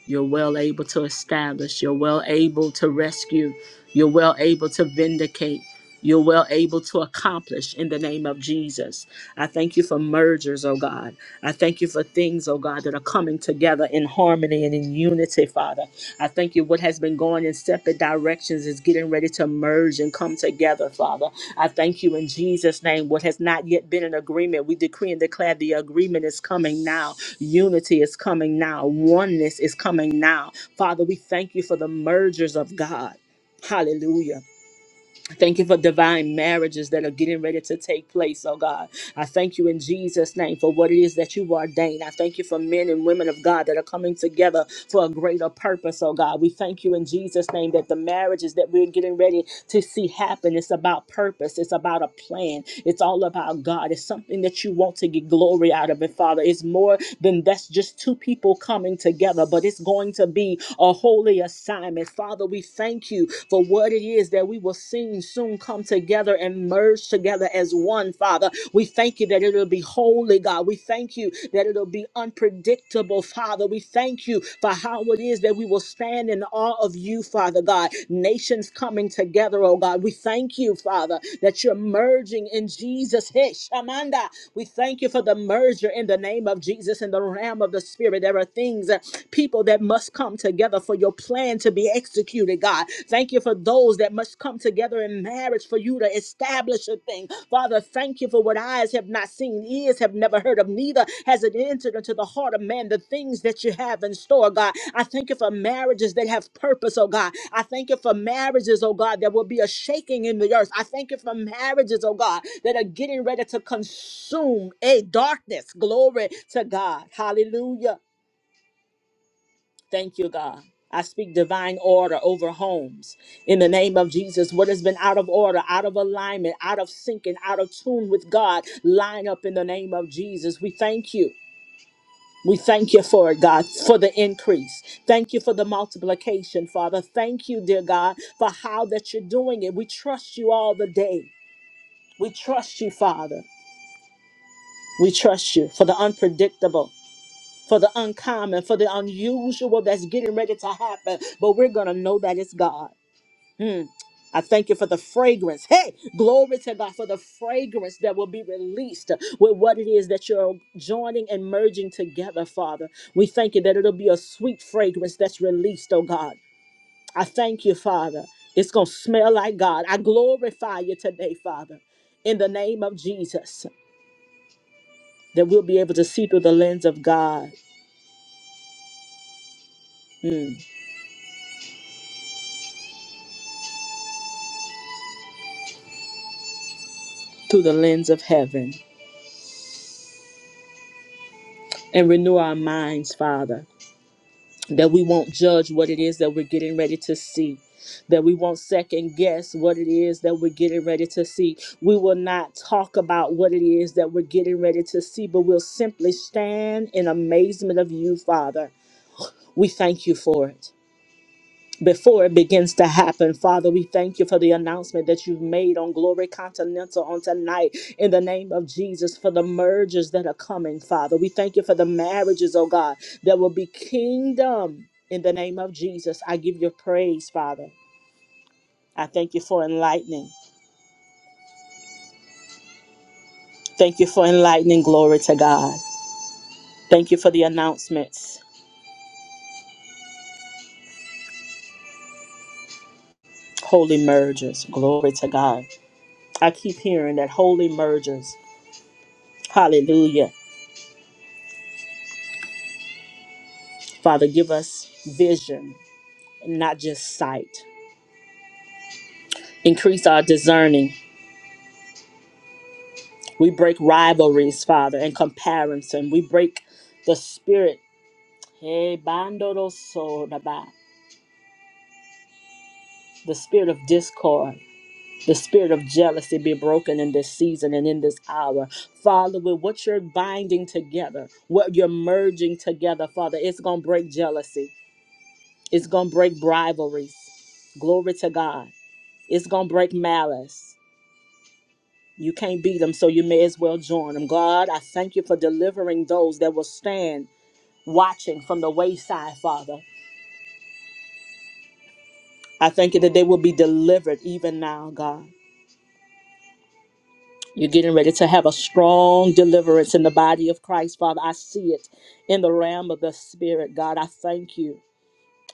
A: You're well able to establish. You're well able to rescue. You're well able to vindicate. You're well able to accomplish in the name of Jesus. I thank you for mergers, oh God. I thank you for things, oh God, that are coming together in harmony and in unity, Father. I thank you what has been going in separate directions is getting ready to merge and come together, Father. I thank you in Jesus' name. What has not yet been an agreement, we decree and declare the agreement is coming now Unity is coming now. Oneness is coming now. Father, we thank you for the mergers of God. Hallelujah. Thank you for divine marriages that are getting ready to take place, oh God. I thank you in Jesus' name for what it is that you ordained. I thank you for men and women of God that are coming together for a greater purpose, oh God. We thank you in Jesus' name that the marriages that we're getting ready to see happen. It's about purpose. It's about a plan. It's all about God. It's something that you want to get glory out of it, Father. It's more than that's just two people coming together, but it's going to be a holy assignment. Father, we thank you for what it is that we will soon soon come together and merge together as one, Father. We thank you that it'll be holy, God. We thank you that it'll be unpredictable unpredictable, Father. We thank you for how it is that we will stand in awe of you, Father God. Nations coming together, oh God. We thank you, Father, that you're merging in Jesus. Hey, Shamanda. We thank you for the merger in the name of Jesus in the realm of the Spirit. There are things, uh, people that must come together for your plan to be executed, God. Thank you for those that must come together in in marriage for you to establish a thing. Father, thank you for what eyes have not seen, ears have never heard of, neither has it entered into the heart of man the things that you have in store, God. I thank you for marriages that have purpose, oh God. I thank you for marriages, oh God, that will be a shaking in the earth. I thank you for marriages, oh God, that are getting ready to consume a darkness. Glory to God. Hallelujah. Thank you, God. I speak divine order over homes in the name of Jesus. What has been out of order, out of alignment, out of sync, and out of tune with God, line up in the name of Jesus. We thank you. We thank you for it, God, for the increase. Thank you for the multiplication, Father. Thank you, dear God, for how that you're doing it. We trust you all the day. We trust you, Father. We trust you for the unpredictable. for the uncommon, for the unusual that's getting ready to happen. But we're going to know that it's God. Hmm. I thank you for the fragrance. Hey, glory to God for the fragrance that will be released with what it is that you're joining and merging together, Father. We thank you that it'll be a sweet fragrance that's released, oh God. I thank you, Father. It's going to smell like God. I glorify you today, Father, in the name of Jesus, that we'll be able to see through the lens of God, mm, through the lens of heaven. and renew our minds, Father, that we won't judge what it is that we're getting ready to see. That we won't second guess what it is that we're getting ready to see. We will not talk about what it is that we're getting ready to see, but we'll simply stand in amazement of you, Father. We thank you for it before it begins to happen. Father, we thank you for the announcement that you've made on Glory Continental on tonight in the name of Jesus for the mergers that are coming, Father. We thank you for the marriages, oh God, that will be kingdom in the name of Jesus. I give you praise, Father. I thank you for enlightening. Thank you for enlightening. Glory to God. Thank you for the announcements. Holy mergers. Glory to God. I keep hearing that holy mergers. Hallelujah. Father, give us vision not just sight. Increase our discerning. We break rivalries, Father, and comparison. We break the spirit, eh, bandorosoraba, the spirit of discord. The spirit of jealousy be broken in this season and in this hour. Father, with what you're binding together, what you're merging together, Father, it's going to break jealousy. It's going to break rivalries. Glory to God. It's going to break malice. You can't beat them, so you may as well join them. God, I thank you for delivering those that will stand watching from the wayside, Father. I thank you that they will be delivered even now, God. You're getting ready to have a strong deliverance in the body of Christ, Father. I see it in the realm of the Spirit, God. I thank you.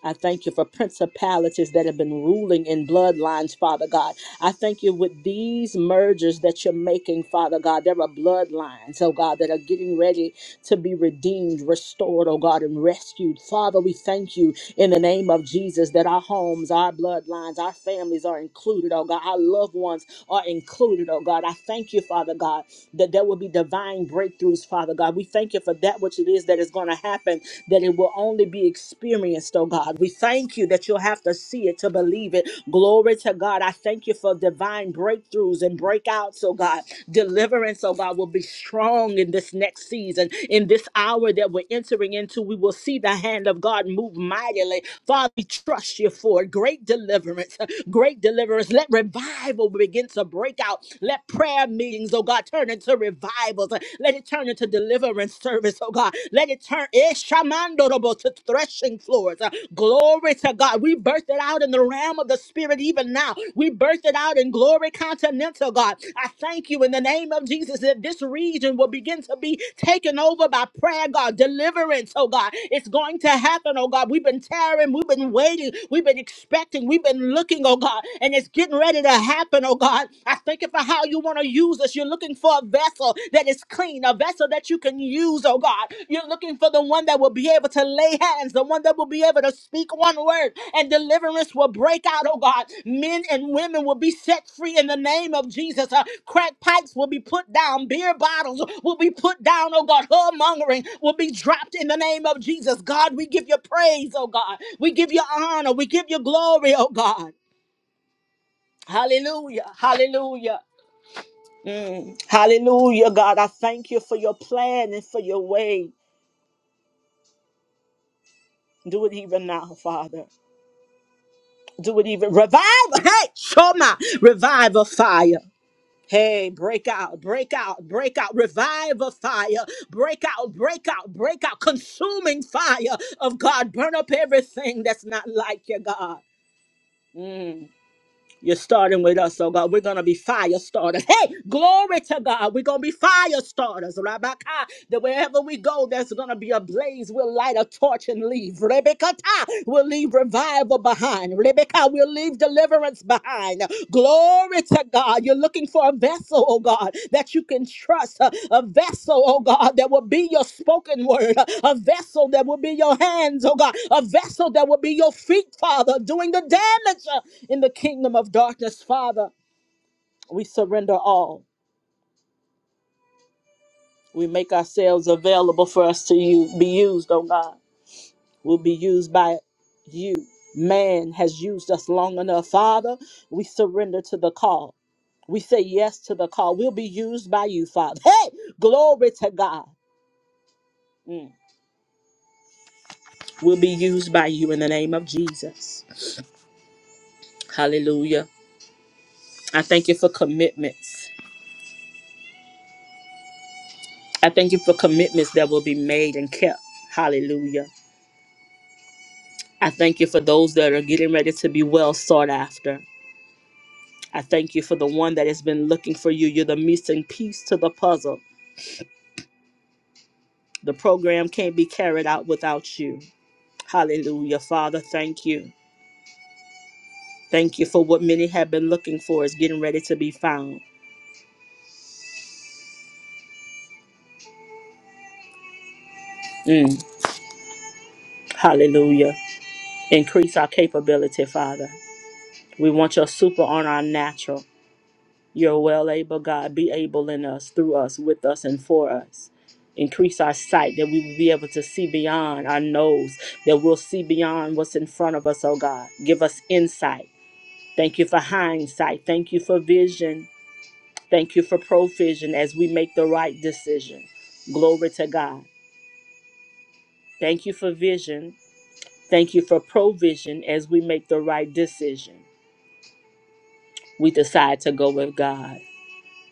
A: I thank you for principalities that have been ruling in bloodlines, Father God. I thank you with these mergers that you're making, Father God. There are bloodlines, oh God, that are getting ready to be redeemed, restored, oh God, and rescued. Father, we thank you in the name of Jesus that our homes, our bloodlines, our families are included, oh God. Our loved ones are included, oh God. I thank you, Father God, that there will be divine breakthroughs, Father God. We thank you for that which it is that is going to happen that it will only be experienced, oh God. We thank you that you'll have to see it to believe it. Glory to God. I thank you for divine breakthroughs and breakouts, oh God. Deliverance, oh God, will be strong in this next season. In this hour that we're entering into, we will see the hand of God move mightily. Father, we trust you for it. Great deliverance, great deliverance. Let revival begin to break out. Let prayer meetings, oh God, turn into revivals. Let it turn into deliverance service, oh God. Let it turn Ishamandorobo, to threshing floors. Glory to to God. We birthed it out in the realm of the spirit even now. We birthed it out in glory continental, God. I thank you in the name of Jesus that this region will begin to be taken over by prayer, God. Deliverance, oh God. It's going to happen, oh God. We've been tearing, we've been waiting, we've been expecting, we've been looking, oh God, and it's getting ready to happen, oh God. I thank you for how you want to use us. You're looking for a vessel that is clean a vessel that you can use, oh God. You're looking for the one that will be able to lay hands, the one that will be able to speak one word, and deliverance will break out, oh God. Men and women will be set free in the name of Jesus. Uh, crack pipes will be put down, beer bottles will be put down, oh God. Whoremongering will be dropped in the name of Jesus. God, we give you praise, oh God. We give you honor, we give you glory, oh God. Hallelujah, hallelujah. Mm. Hallelujah, God. I thank you for your plan and for your way. Do it even now, Father. Do it even. Revive. Hey, Shoma. Revive a fire. Hey, break out, break out, break out. Revive a fire. Break out, break out, break out. Consuming fire of God. Burn up everything that's not like you, God. Mm. You're starting with us, oh God. We're gonna be fire starters. Hey, glory to God. We're gonna be fire starters, Rabaka. That wherever we go, there's gonna be a blaze. We'll light a torch and leave. Rebecca, we'll leave revival behind. Rebecca, we'll leave deliverance behind. Glory to God. You're looking for a vessel, oh God, that you can trust. A, a vessel, oh God, that will be your spoken word. A, a vessel that will be your hands, oh God. A vessel that will be your feet, Father, doing the damage. uh, in the kingdom of darkness, Father. We surrender all. We make ourselves available for us to you, be used, oh God. We'll be used by you. Man has used us long enough, Father. We surrender to the call. We say yes to the call. We'll be used by you, Father. Hey, glory to God. Mm. We'll be used by you in the name of Jesus. Hallelujah. I thank you for commitments. I thank you for commitments that will be made and kept. Hallelujah. I thank you for those that are getting ready to be well sought after. I thank you for the one that has been looking for you. You're the missing piece to the puzzle. The program can't be carried out without you. Hallelujah. Father, thank you. Thank you for what many have been looking for is getting ready to be found. Mm. Hallelujah. Increase our capability, Father. We want your super on our natural. You're well able, God. Be able in us, through us, with us, and for us. Increase our sight that we will be able to see beyond our nose, that we'll see beyond what's in front of us, oh God. Give us insight. Thank you for hindsight. Thank you for vision. Thank you for provision as we make the right decision. Glory to God. Thank you for vision. Thank you for provision as we make the right decision. We decide to go with God.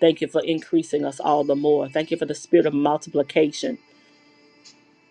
A: Thank you for increasing us all the more. Thank you for the spirit of multiplication.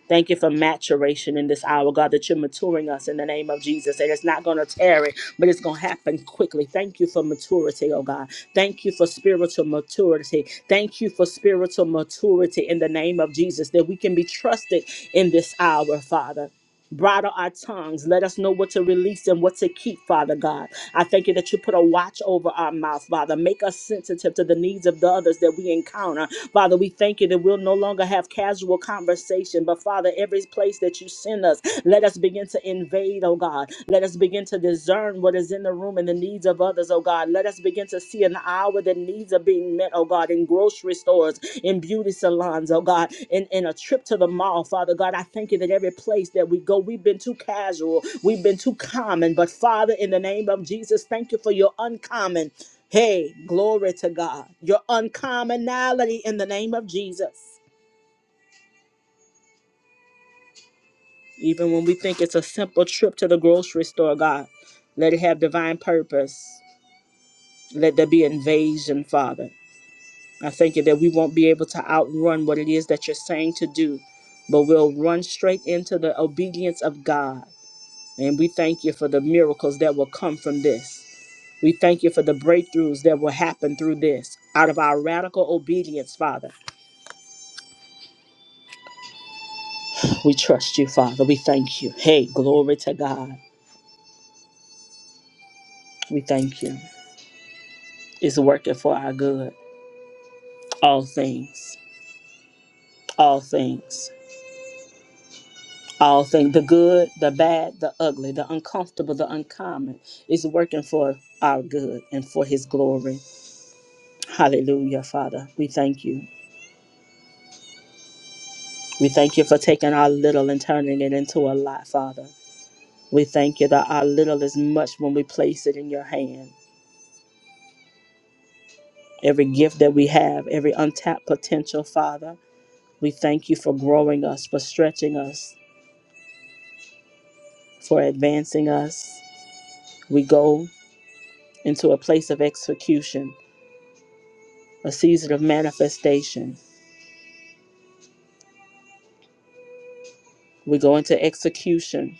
A: Thank you for maturation in this hour, God, that you're maturing us in the name of Jesus. And it's not going to tarry, but it's going to happen quickly. Thank you for maturity, oh God. Thank you for spiritual maturity. Thank you for spiritual maturity in the name of Jesus, that we can be trusted in this hour, Father bridle our tongues. Let us know what to release and what to keep, Father God. I thank you that you put a watch over our mouth, Father. Make us sensitive to the needs of the others that we encounter. Father, we thank you that we'll no longer have casual conversation, but Father, every place that you send us, let us begin to invade, oh God. Let us begin to discern what is in the room and the needs of others, oh God. Let us begin to see an hour that needs are being met, oh God, in grocery stores in beauty salons, oh God, in, in a trip to the mall, Father God. I thank you that every place that we go, we've been too casual, we've been too common. But Father, in the name of Jesus, thank you for your uncommon. Hey, glory to God. Your uncommonality in the name of Jesus. Even when we think it's a simple trip to the grocery store, God, let it have divine purpose. Let there be invasion, Father. I thank you that we won't be able to outrun what it is that you're saying to do, but we'll run straight into the obedience of God. And we thank you for the miracles that will come from this. We thank you for the breakthroughs that will happen through this. Out of our radical obedience, Father, we trust you, Father. We thank you. Hey, glory to God. We thank you. It's working for our good. All things, all things. all things the good the bad the ugly the uncomfortable the uncommon is working for our good and for his glory hallelujah father we thank you we thank you for taking our little and turning it into a lot father we thank you that our little is much when we place it in your hand every gift that we have every untapped potential father we thank you for growing us for stretching us for advancing us we go into a place of execution a season of manifestation We go into execution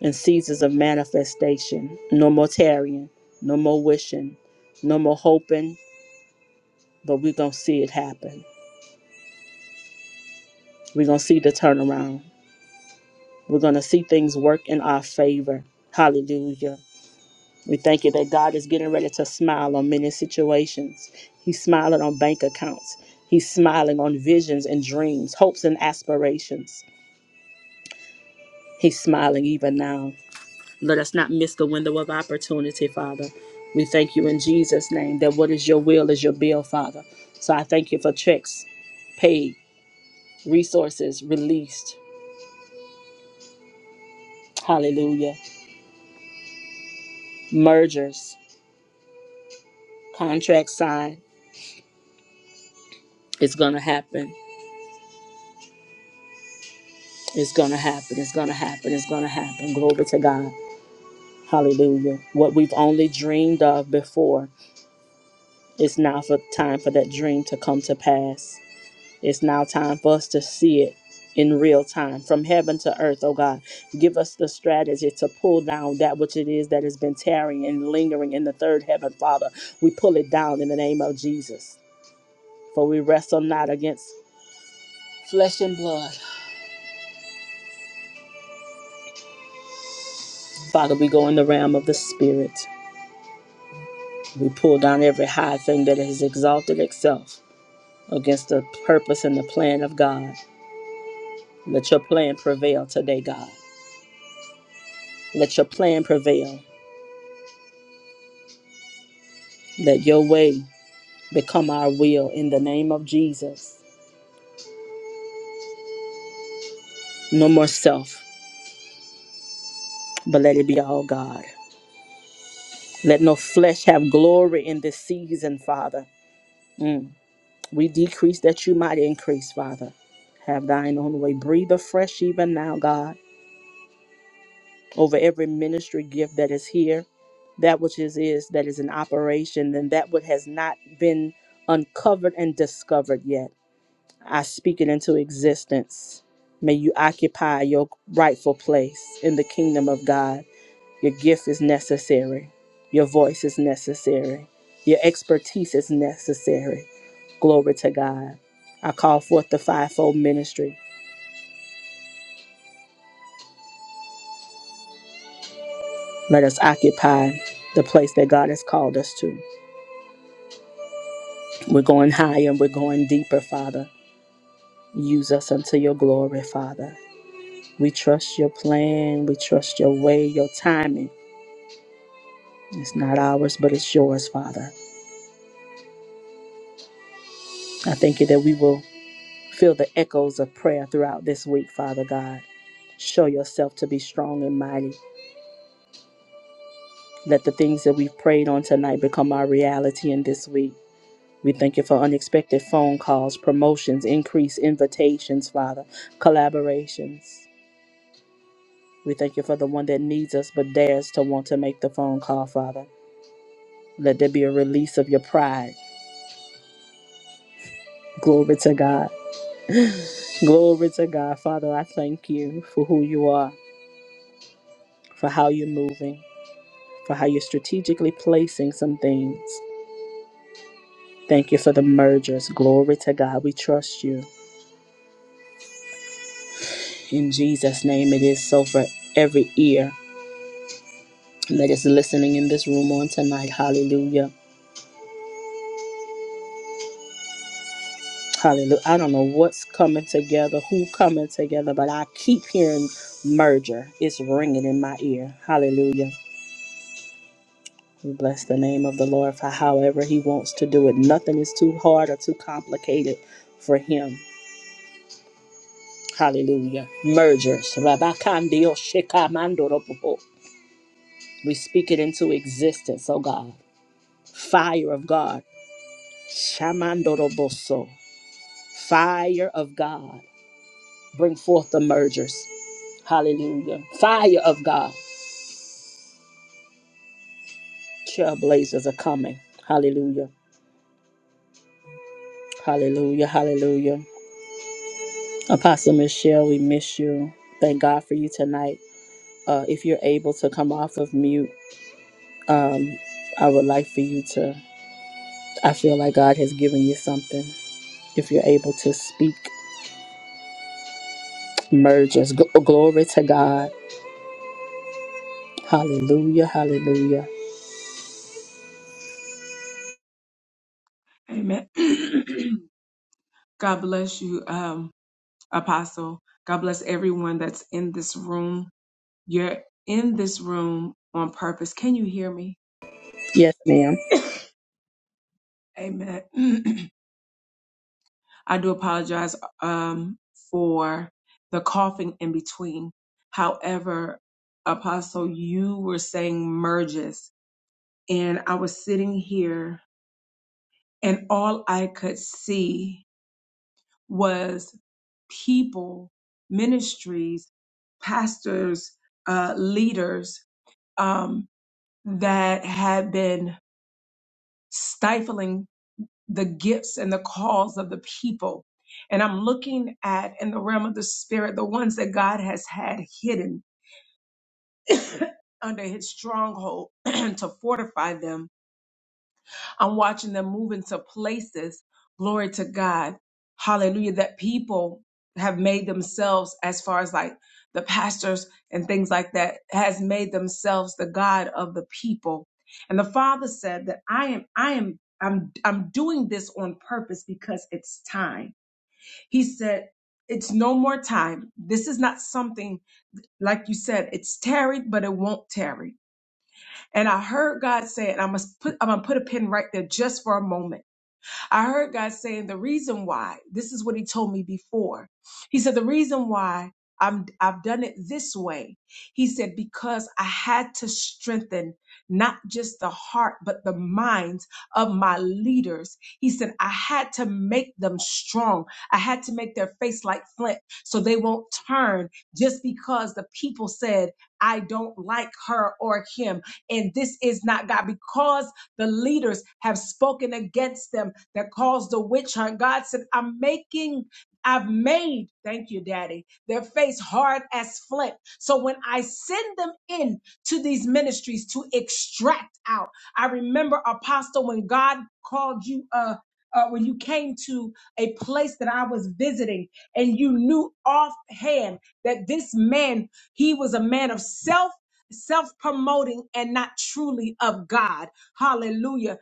A: and seasons of manifestation. No more tarrying, no more wishing, no more hoping, but we're going to see it happen. We're going to see the turnaround. We're going to see things work in our favor. Hallelujah. We thank you that God is getting ready to smile on many situations. He's smiling on bank accounts. He's smiling on visions and dreams, hopes and aspirations. He's smiling even now. Let us not miss the window of opportunity, Father. We thank you in Jesus' name that what is your will is your bill, Father. So I thank you for checks paid, resources released, hallelujah, mergers, contracts signed. It's going to happen. It's going to happen. It's going to happen. It's going to happen. Glory to God. Hallelujah. What we've only dreamed of before, it's now for time for that dream to come to pass. It's now time for us to see it in real time from heaven to earth, oh God. Give us the strategy to pull down that which it is that has been tarrying and lingering in the third heaven, Father. We pull it down in the name of Jesus. For we wrestle not against flesh and blood. Father, we go in the realm of the spirit. We pull down every high thing that has exalted itself against the purpose and the plan of God. Let your plan prevail today, God. Let your plan prevail. Let your way become our will in the name of Jesus. No more self, but let it be all God. Let no flesh have glory in this season, Father. Mm. We decrease that you might increase, Father. Have thine own way. Breathe afresh even now, God, over every ministry gift that is here, that which is, is that is in operation, and that which has not been uncovered and discovered yet. I speak it into existence. May you occupy your rightful place in the kingdom of God. Your gift is necessary. Your voice is necessary. Your expertise is necessary. Glory to God. I call forth the fivefold ministry. Let us occupy the place that God has called us to. We're going higher and we're going deeper, Father. Use us unto your glory, Father. We trust your plan. We trust your way, your timing. It's not ours, but it's yours, Father. I thank you that we will feel the echoes of prayer throughout this week, Father God. Show yourself to be strong and mighty. Let the things that we've prayed on tonight become our reality in this week. We thank you for unexpected phone calls, promotions, increased invitations, Father, collaborations. We thank you for the one that needs us but dares to want to make the phone call, Father. Let there be a release of your pride. Glory to God. Glory to God. Father, I thank you for who you are, for how you're moving, for how you're strategically placing some things. Thank you for the mergers. Glory to God. We trust you. In Jesus' name, it is so for every ear that is listening in this room on tonight. Hallelujah. Hallelujah. I don't know what's coming together, who coming together, but I keep hearing merger. It's ringing in my ear. Hallelujah. We bless the name of the Lord for however He wants to do it. Nothing is too hard or too complicated for Him. Hallelujah. Mergers. Rabakandio shikamandoropopo. We speak it into existence, oh God. Fire of God. Shamandoroboso. Fire of God. Bring forth the mergers. Hallelujah. Fire of God. Trailblazers are coming. Hallelujah. Hallelujah. Hallelujah. Apostle Michelle, we miss you. Thank God for you tonight. Uh, if you're able to come off of mute, um, I would like for you to. I feel like God has given you something. If you're able to speak, merge us. Gl- glory to God. Hallelujah. Hallelujah.
C: Amen. [CLEARS THROAT] God bless you, um, Apostle. God bless everyone that's in this room. You're in this room on purpose. Can you hear me?
A: Yes, ma'am.
C: [COUGHS] Amen. [CLEARS THROAT] I do apologize um, for the coughing in between. However, Apostle, you were saying merges, and I was sitting here, and all I could see. was people, ministries, pastors, uh, leaders um, that had been stifling the gifts and the calls of the people. And I'm looking at in the realm of the spirit the ones that God has had hidden [COUGHS] under his stronghold [COUGHS] [CLEARS THROAT] to fortify them I'm watching them move into places, glory to God, hallelujah, that people have made themselves, as far as like the pastors and things like that, has made themselves the God of the people. And the Father said that I am, I am, I'm, I'm doing this on purpose because it's time. He said, it's no more time. This is not something, like you said, it's tarried, but it won't tarry. And I heard God say, and I must put, I'm gonna put a pin right there just for a moment I heard God saying the reason why, this is what he told me before. He said, the reason why I'm, I've done it this way. He said, because I had to strengthen not just the heart, but the minds of my leaders. He said, I had to make them strong. I had to make their face like flint so they won't turn just because the people said, I don't like her or him. And this is not God because the leaders have spoken against them that caused the witch hunt. God said, I'm making I've made, thank you, Daddy, their face hard as flint. So when I send them in to these ministries to extract out, I remember, Apostle, when God called you, uh, uh, when you came to a place that I was visiting and you knew offhand that this man, he was a man of self, self promoting and not truly of God. Hallelujah.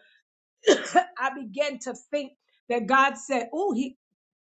C: I began to think that God said, Oh, he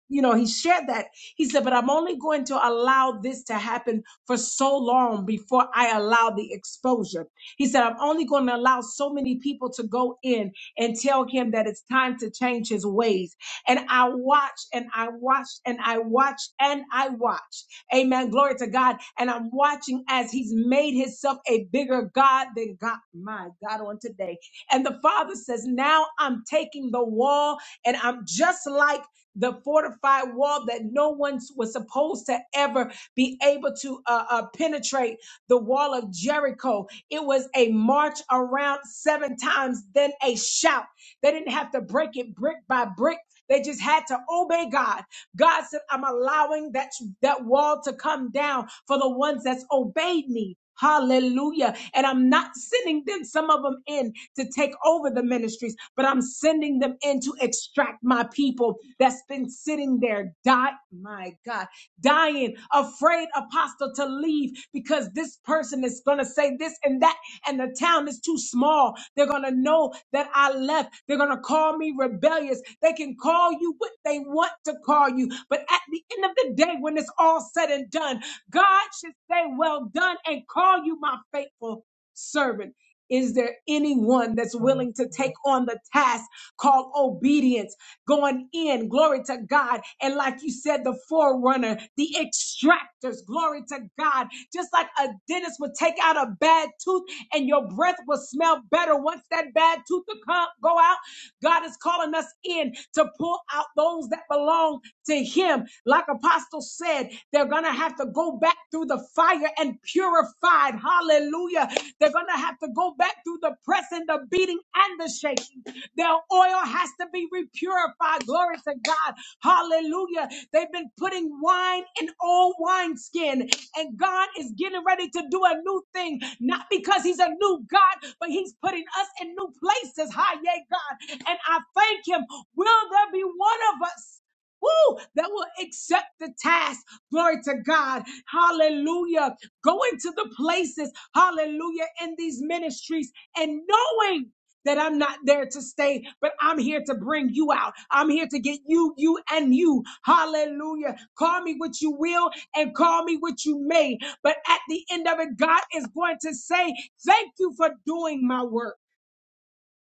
C: you know, he shared that. He said, but I'm only going to allow this to happen for so long before I allow the exposure. He said, I'm only going to allow so many people to go in and tell him that it's time to change his ways. And I watched and I watched and I watched and I watched. Amen. Glory to God. And I'm watching as he's made himself a bigger God than God, my God, on today. And the father says, now I'm taking the wall and I'm just like the fortified wall that no one was supposed to ever be able to uh, uh, penetrate the wall of Jericho. It was a march around seven times, then a shout. They didn't have to break it brick by brick. They just had to obey God. God said, I'm allowing that, that wall to come down for the ones that's obeyed me. Hallelujah. And I'm not sending them, some of them in to take over the ministries, but I'm sending them in to extract my people that's been sitting there, die, my God, dying, afraid apostle to leave because this person is going to say this and that and the town is too small. They're going to know that I left. They're going to call me rebellious. They can call you what they want to call you. But at the end of the day, when it's all said and done, God should say, Well done, and call you my faithful servant. Is there anyone that's willing to take on the task called obedience, going in, glory to God? And like you said, the forerunner, the extractors, glory to God. Just like a dentist would take out a bad tooth and your breath will smell better once that bad tooth will come, go out. God is calling us in to pull out those that belong to Him. Like Apostle said, they're going to have to go back through the fire and purified. Hallelujah. They're going to have to go back through the press and the beating and the shaking. Their oil has to be repurified. Glory to God. Hallelujah. They've been putting wine in old wineskin, and God is getting ready to do a new thing, not because He's a new God, but He's putting us in new places. Hi, yay, God. And I thank Him. Will there be one of us? Woo! That will accept the task. Glory to God. Hallelujah. Go into the places, hallelujah, in these ministries and knowing that I'm not there to stay, but I'm here to bring you out. I'm here to get you, you, and you. Hallelujah. Call me what you will and call me what you may. But at the end of it, God is going to say, Thank you for doing my work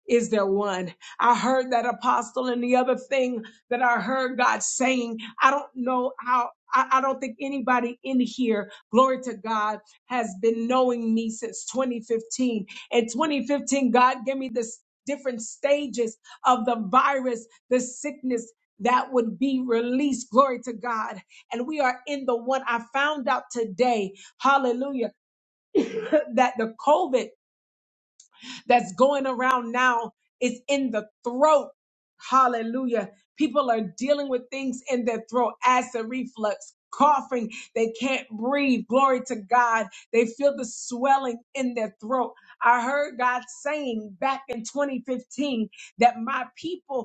C: is there one? I heard that apostle and the other thing that I heard God saying, I don't know how, I, I don't think anybody in here, glory to God, has been knowing me since 2015. In 2015, God gave me this different stages of the virus, the sickness that would be released. Glory to God. And we are in the one I found out today. Hallelujah. [LAUGHS] [CLEARS THROAT] That the COVID that's going around now is in the throat. Hallelujah. People are dealing with things in their throat, acid reflux, coughing. They can't breathe. Glory to God. They feel the swelling in their throat. I heard God saying back in 2015 that my people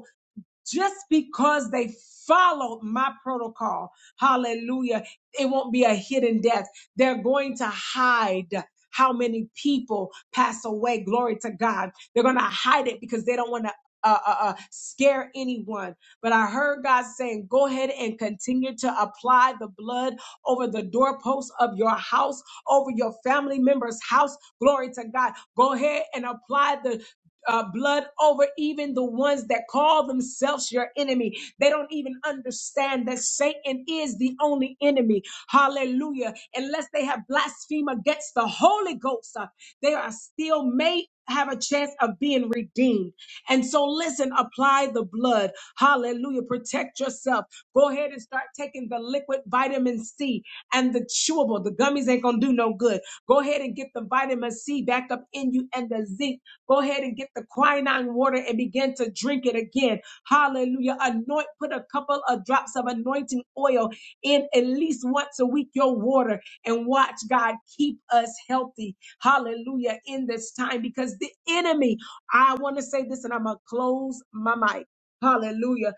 C: just because they followed my protocol. Hallelujah. It won't be a hidden death. They're going to hide how many people pass away. Glory to God. They're going to hide it because they don't want to uh, uh, uh, scare anyone. But I heard God saying, go ahead and continue to apply the blood over the doorposts of your house, over your family member's house. Glory to God. Go ahead and apply the uh, blood over even the ones that call themselves your enemy. They don't even understand that Satan is the only enemy. Hallelujah. Unless they have blasphemed against the Holy Ghost, uh, they are still made have a chance of being redeemed. And so, listen, apply the blood. Hallelujah. Protect yourself. Go ahead and start taking the liquid vitamin C and the chewable. The gummies ain't going to do no good. Go ahead and get the vitamin C back up in you and the zinc Go ahead and get the quinine water and begin to drink it again. Hallelujah. Anoint, put a couple of drops of anointing oil in at least once a week your water and watch God keep us healthy. Hallelujah. In this time, because the enemy, I want to say this and I'm going to close my mic. Hallelujah.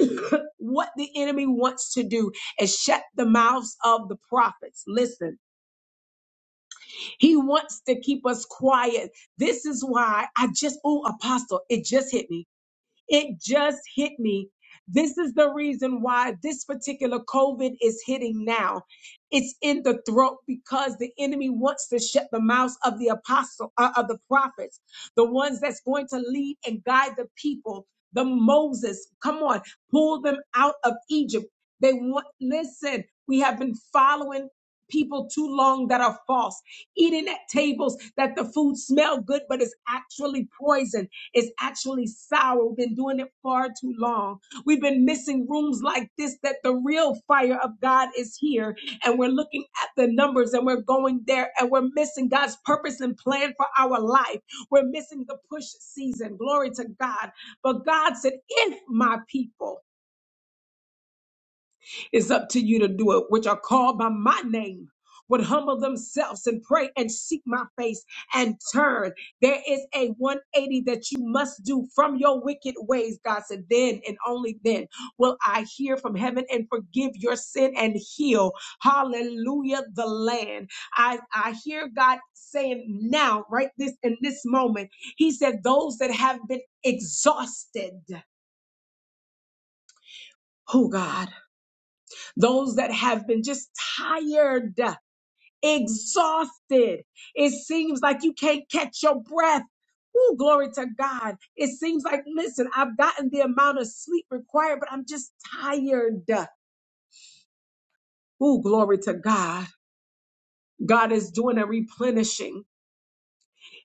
C: [CLEARS THROAT] what the enemy wants to do is shut the mouths of the prophets. Listen he wants to keep us quiet. This is why I just, oh, Apostle, it just hit me. It just hit me. This is the reason why this particular COVID is hitting now. It's in the throat because the enemy wants to shut the mouths of the apostle, uh, of the prophets, the ones that's going to lead and guide the people, the Moses. Come on, pull them out of Egypt. They want, listen, we have been following people too long that are false, eating at tables that the food smell good, but it's actually poison is actually sour. We've been doing it far too long. We've been missing rooms like this that the real fire of God is here. And we're looking at the numbers and we're going there and we're missing God's purpose and plan for our life. We're missing the push season. Glory to God. But God said, if my people it's up to you to do it, which are called by my name. Would humble themselves and pray and seek my face and turn. There is a 180 that you must do from your wicked ways, God said. Then and only then will I hear from heaven and forgive your sin and heal. Hallelujah, the land. I, I hear God saying now, right this in this moment, He said, Those that have been exhausted, oh God, those that have been just tired. exhausted. It seems like you can't catch your breath. Ooh, glory to God. It seems like, listen, I've gotten the amount of sleep required, but I'm just tired. Ooh, glory to God. God is doing a replenishing.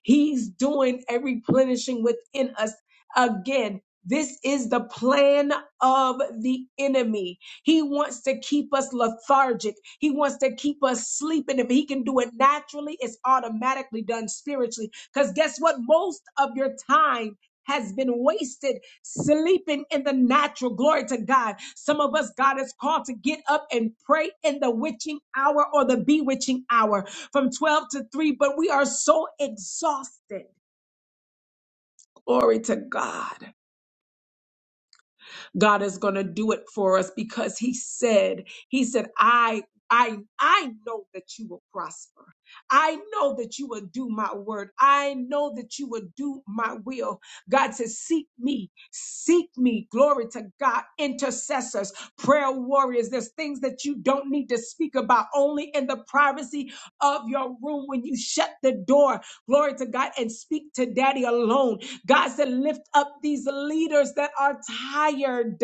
C: He's doing a replenishing within us. Again, this is the plan of the enemy. He wants to keep us lethargic. He wants to keep us sleeping. If he can do it naturally, it's automatically done spiritually. Because guess what? Most of your time has been wasted sleeping in the natural. Glory to God. Some of us, God has called to get up and pray in the witching hour or the bewitching hour from 12 to 3, but we are so exhausted. Glory to God. God is going to do it for us because he said, he said, I I I know that you will prosper. I know that you will do my word. I know that you will do my will. God says, seek me, seek me. Glory to God. Intercessors, prayer warriors. There's things that you don't need to speak about only in the privacy of your room when you shut the door. Glory to God and speak to daddy alone God said, lift up these leaders that are tired.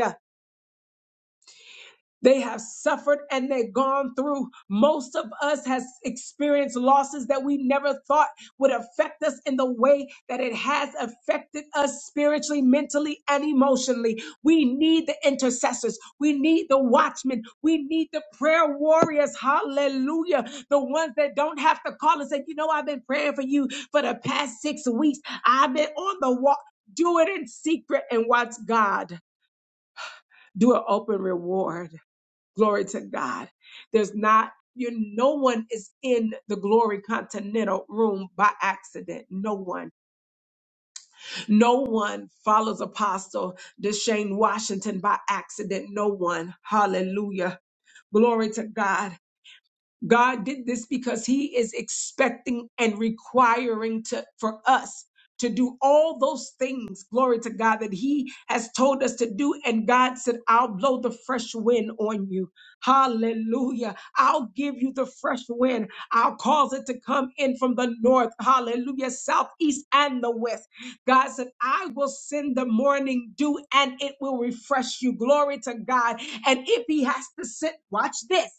C: They have suffered and they've gone through. Most of us has experienced losses that we never thought would affect us in the way that it has affected us spiritually, mentally, and emotionally. We need the intercessors. We need the watchmen. We need the prayer warriors. Hallelujah. The ones that don't have to call and say, you know, I've been praying for you for the past six weeks. I've been on the walk. Do it in secret and watch God do an open reward. Glory to God. There's not you no one is in the glory continental room by accident. No one. No one follows Apostle Deshane Washington by accident. No one. Hallelujah. Glory to God. God did this because he is expecting and requiring to, for us to do all those things, glory to God, that he has told us to do. And God said, I'll blow the fresh wind on you. Hallelujah. I'll give you the fresh wind. I'll cause it to come in from the north. Hallelujah. South, east, and the west. God said, I will send the morning dew and it will refresh you. Glory to God. And if he has to sit, watch this.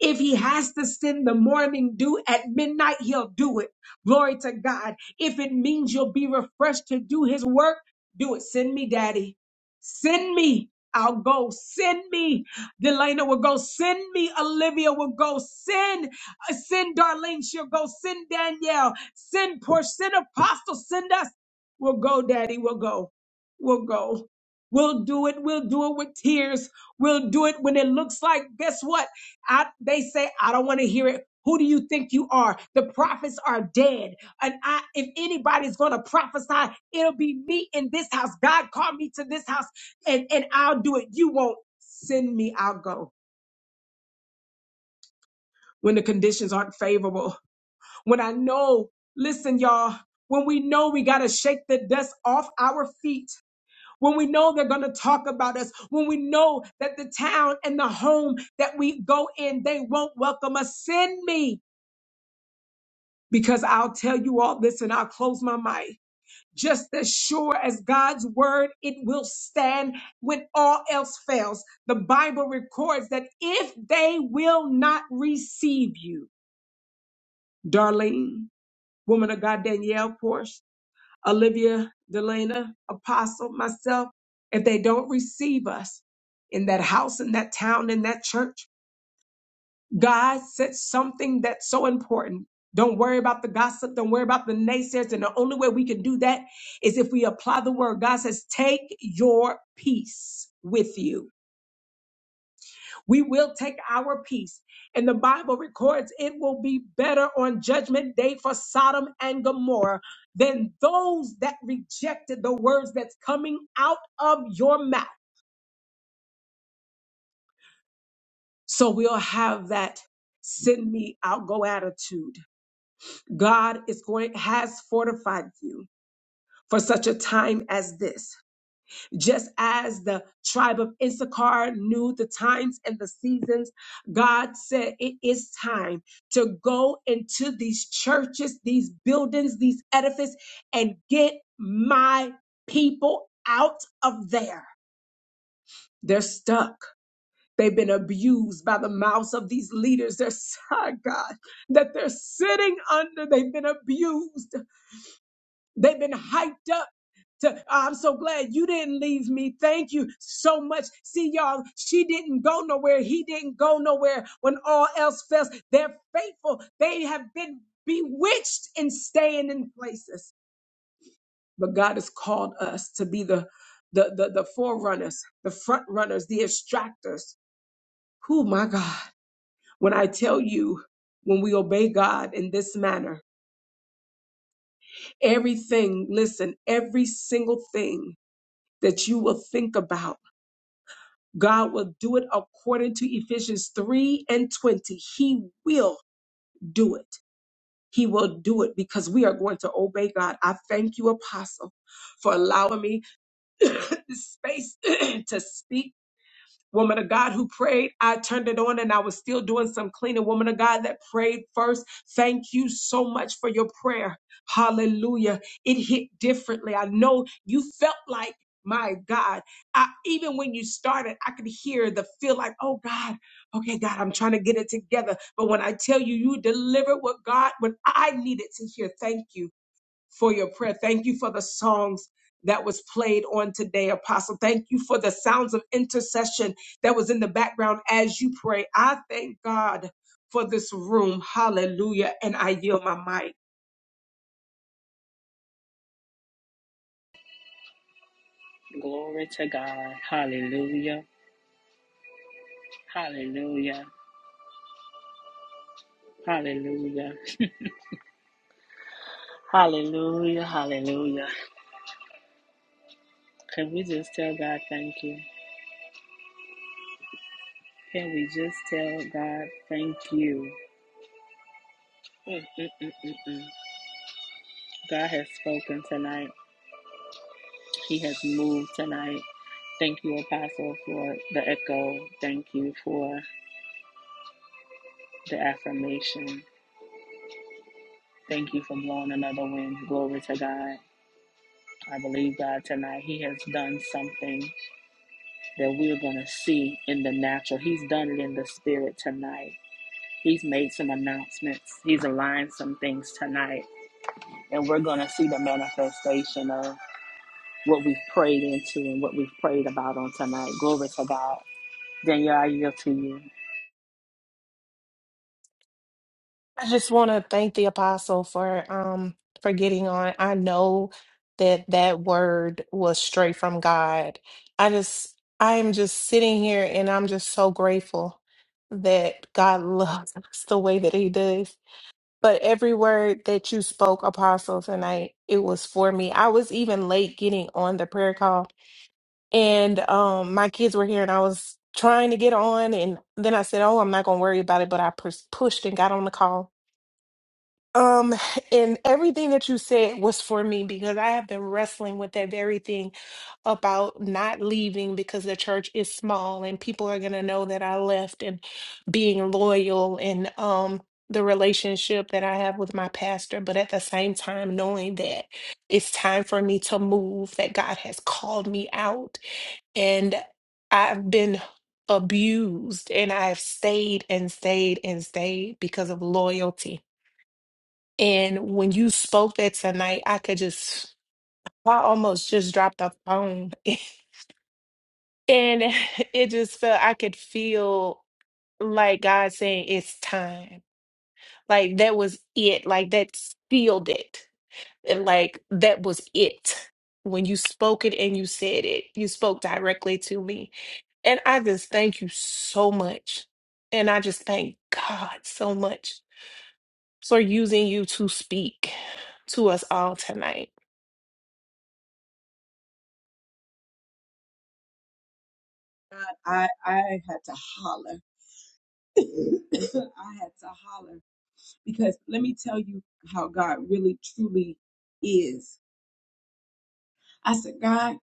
C: If he has to send the morning dew at midnight, he'll do it. Glory to God. If it means you'll be refreshed to do his work, do it. Send me, Daddy. Send me. I'll go. Send me. Delana will go. Send me. Olivia will go. Send. uh, Send Darlene. She'll go. Send Danielle. Send Porsche. Send Apostle. Send us. We'll go, Daddy. We'll go. We'll go. We'll do it. We'll do it with tears. We'll do it when it looks like, guess what? I, they say, I don't want to hear it. Who do you think you are? The prophets are dead. And I, if anybody's going to prophesy, it'll be me in this house. God called me to this house and, and I'll do it. You won't send me. I'll go when the conditions aren't favorable. When I know, listen, y'all, when we know we got to shake the dust off our feet. When we know they're going to talk about us, when we know that the town and the home that we go in, they won't welcome us, send me. because I'll tell you all this and I'll close my mic. Just as sure as God's word, it will stand when all else fails. The Bible records that if they will not receive you, Darlene, woman of God, Danielle Porsche, Olivia Delana, Apostle, myself, if they don't receive us in that house, in that town, in that church, God said something that's so important. Don't worry about the gossip. Don't worry about the naysayers. And the only way we can do that is if we apply the word. God says, take your peace with you. We will take our peace. And the Bible records it will be better on judgment day for Sodom and Gomorrah than those that rejected the words that's coming out of your mouth. So we'll have that send me out go attitude God is going has fortified you for such a time as this. Just as the tribe of Issachar knew the times and the seasons, God said it is time to go into these churches, these buildings, these edifices and get my people out of there. They're stuck. They've been abused by the mouths of these leaders. They're [LAUGHS] sad, God, that they're sitting under. They've been abused. They've been hyped up to- "Oh, I'm so glad you didn't leave me. Thank you so much. See, y'all, she didn't go nowhere. He didn't go nowhere when all else fails. They're faithful. They have been bewitched in staying in places. But God has called us to be the the the, the forerunners, the front runners, the extractors. Oh my God. When I tell you, when we obey God in this manner, everything, listen, every single thing that you will think about. God will do it according to Ephesians 3 and 20. He will do it. He will do it because we are going to obey God. I thank you, Apostle, for allowing me [COUGHS] the space [COUGHS] to speak Woman of God who prayed, I turned it on and I was still doing some cleaning. Woman of God that prayed first, thank you so much for your prayer. Hallelujah. It hit differently. I know you felt like, my God, I, even when you started, I could hear the feel like, oh God, okay, God, I'm trying to get it together. But when I tell you, you delivered what God, what I needed to hear, thank you for your prayer. Thank you for the songs that was played on today, Apostle. Thank you for the sounds of intercession that was in the background as you pray. I thank God for this room. Hallelujah. And I yield my mic.
A: Glory to God. Hallelujah. Hallelujah. Hallelujah. Hallelujah. Hallelujah. Can we just tell God thank you? Can we just tell God thank you? Mm, mm, mm, mm, mm. God has spoken tonight. He has moved tonight. Thank you, Apostle, for the echo. Thank you for the affirmation. Thank you for blowing another wind. Glory to God. I believe God tonight. He has done something that we're going to see in the natural. He's done it in the spirit tonight. He's made some announcements. He's aligned some things tonight. And we're going to see the manifestation of what we've prayed into and what we've prayed about on tonight. Glory to God. Daniel, I yield to you.
D: I just want to thank the apostle for um for getting on. I know that that word was straight from God. I just I am just sitting here and I'm just so grateful that God [LAUGHS] loves us the way that he does. But every word that you spoke, apostle, tonight, it was for me. I was even late getting on the prayer call and um my kids were here and I was trying to get on and then I said, "Oh, I'm not going to worry about it," but I pers- pushed and got on the call um, and everything that you said was for me because I have been wrestling with that very thing about not leaving because the church is small and people are going to know that I left and being loyal and um the relationship that I have with my pastor, but at the same time knowing that it's time for me to move, that God has called me out and I've been abused and I've stayed and stayed and stayed because of loyalty and when you spoke that tonight, I could just, I almost just dropped the phone. [LAUGHS] And it just felt, I could feel like God saying, it's time. Like that was it. Like that sealed it. And like that was it. When you spoke it and you said it, you spoke directly to me. And I just thank you so much. And I just thank God so much for using you to speak to us all tonight.
C: God, I, I had to holler. [LAUGHS] I had to holler because let me tell you how God really truly is. I said, God,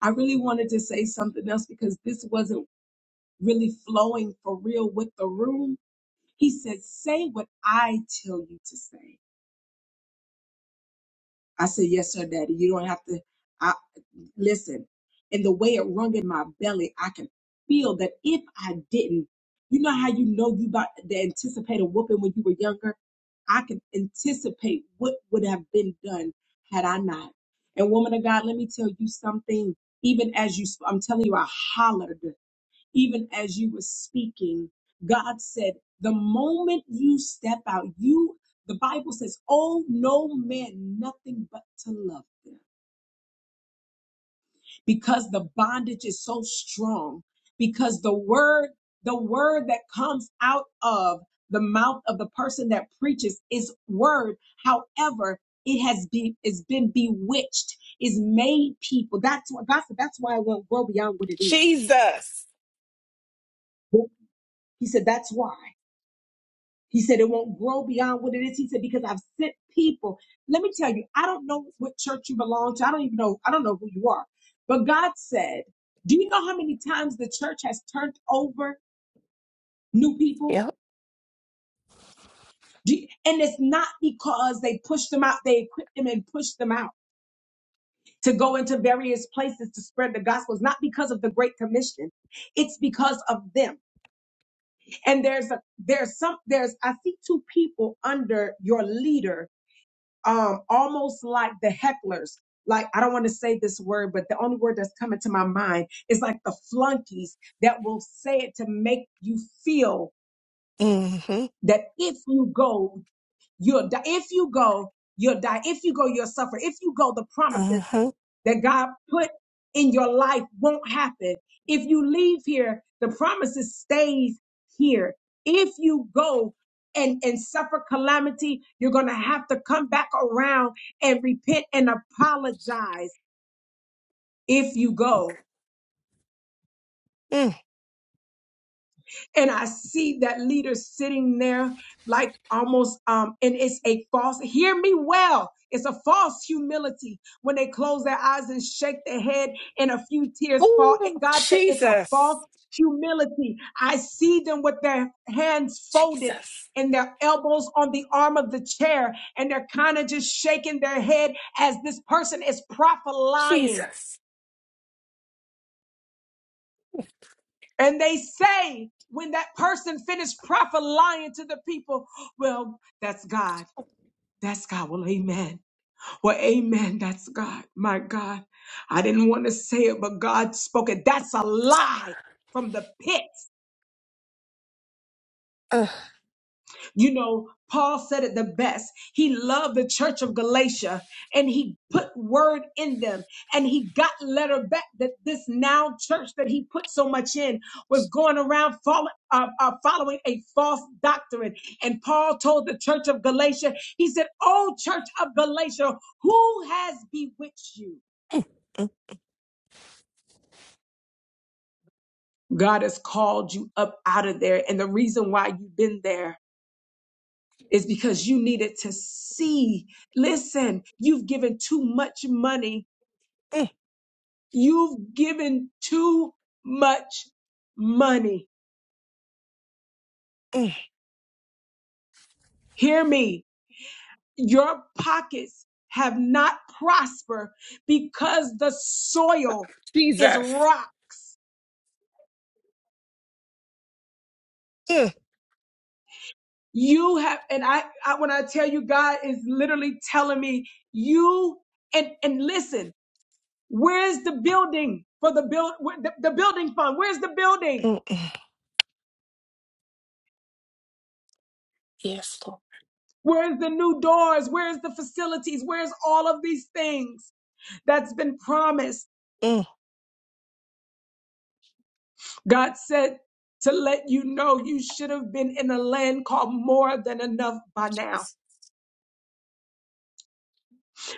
C: I really wanted to say something else because this wasn't really flowing for real with the room He said, Say what I tell you to say. I said, Yes, sir, daddy. You don't have to. I, listen. And the way it rung in my belly, I can feel that if I didn't, you know how you know you about the anticipated whooping when you were younger? I could anticipate what would have been done had I not. And woman of God, let me tell you something. Even as you, sp- I'm telling you, I hollered even as you were speaking, God said, the moment you step out, you, the Bible says, oh, no man, nothing but to love them because the bondage is so strong because the word, the word that comes out of the mouth of the person that preaches is word. However, it has been, it's been bewitched, is made people. That's what God said. That's why it won't grow beyond what it is.
D: Jesus.
C: He said, that's why. He said it won't grow beyond what it is. He said, because I've sent people. Let me tell you, I don't know what church you belong to. I don't even know. I don't know who you are. But God said, do you know how many times the church has turned over new people?
D: Yep.
C: Do you- and it's not because they pushed them out. They equipped them and pushed them out to go into various places to spread the gospel. It's not because of the great commission. It's because of them. And there's a, there's some, there's, I see two people under your leader um, almost like the hecklers. Like, I don't want to say this word, but the only word that's coming to my mind is like the flunkies that will say it to make you feel
D: Mm-hmm.
C: that if you go, you'll die. If you go, you'll die. If you go, you'll suffer. If you go, the promises
D: Mm-hmm.
C: that God put in your life won't happen. If you leave here, the promises stays here. If you go and, and suffer calamity, you're going to have to come back around and repent and apologize if you go.
D: Mm.
C: and I see that leader sitting there like almost um and it's a false hear me well it's a false humility when they close their eyes and shake their head and a few tears fall
D: Oh,
C: God said it's a
D: Jesus.
C: false humility I see them with their hands folded
D: Jesus.
C: and their elbows on the arm of the chair and they're kind of just shaking their head as this person is prophesying
D: Jesus.
C: And they say, when that person finished prophesying to the people, well, that's God. That's God. Well, amen. Well, amen. That's God. My God. I didn't want to say it, but God spoke it. That's a lie from the pit.
D: Uh,
C: You know, Paul said it the best. He loved the church of Galatia and he put word in them and he got letter back that this now church that he put so much in was going around follow, uh, uh, following a false doctrine. And Paul told the church of Galatia, he said, Oh, church of Galatia, who has bewitched you? God has called you up out of there. And the reason why you've been there is because you needed to see. Listen, you've given too much money.
D: mm,
C: You've given too much money.
D: mm,
C: Hear me. Your pockets have not prospered because the soil is
D: Jesus.
C: rocks.
D: mm,
C: You have, and I, I, when I tell you, God is literally telling me you, and, and listen, where's the building for the build, the, the building fund? Where's the building?
D: mm, mm. Yes, Lord.
C: Where's the new doors? Where's the facilities? Where's all of these things that's been promised?
D: Mm.
C: God said to let you know you should have been in a land called more than enough by now.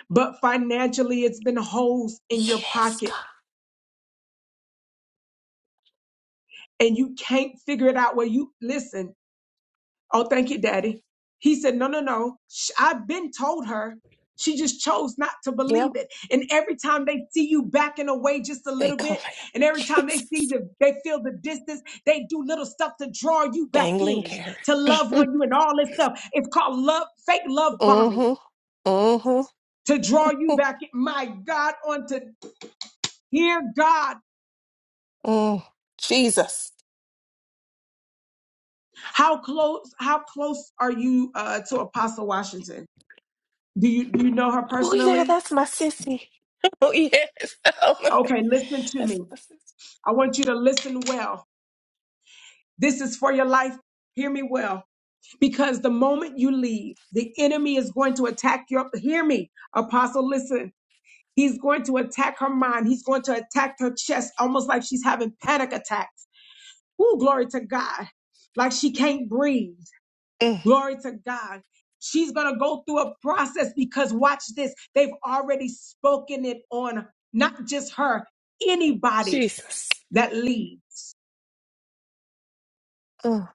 C: But financially, it's been holes in your
D: Yes,
C: pocket
D: God.
C: and you can't figure it out. Where you listen, Oh, thank you, Daddy. He said, No, no, no. Sh- I've been told her. She just chose not to
D: Yep.
C: believe it. And every time they see you backing away just a
D: They
C: little
D: call
C: bit, and
D: it [LAUGHS]
C: every time they see
D: Jesus.
C: the, they feel the distance, they do little stuff to draw you back
D: Dangling
C: in,
D: carrot.
C: to love
D: [LAUGHS]
C: on you and all this stuff. It's called love, fake love bombing,
D: Mm-hmm. Mm-hmm.
C: to draw you back in. My God, on to hear God.
D: Mm. Jesus.
C: How close, how close are you uh, to Apostle Washington? Do you, do you know her
D: Oh yeah,
C: personally?
D: that's my sissy. Oh, yes. [LAUGHS]
C: Okay, listen to
D: That's
C: me.
D: my sissy.
C: I want you to listen well. This is for your life. Hear me well. Because the moment you leave, the enemy is going to attack your. Hear me, Apostle, listen. He's going to attack her mind. He's going to attack her chest, almost like she's having panic attacks. Ooh, glory to God. Like she can't breathe.
D: Mm.
C: Glory to God. She's going to go through a process because watch this. They've already spoken it on not just her, anybody
D: Jesus.
C: that leaves.
D: Mm,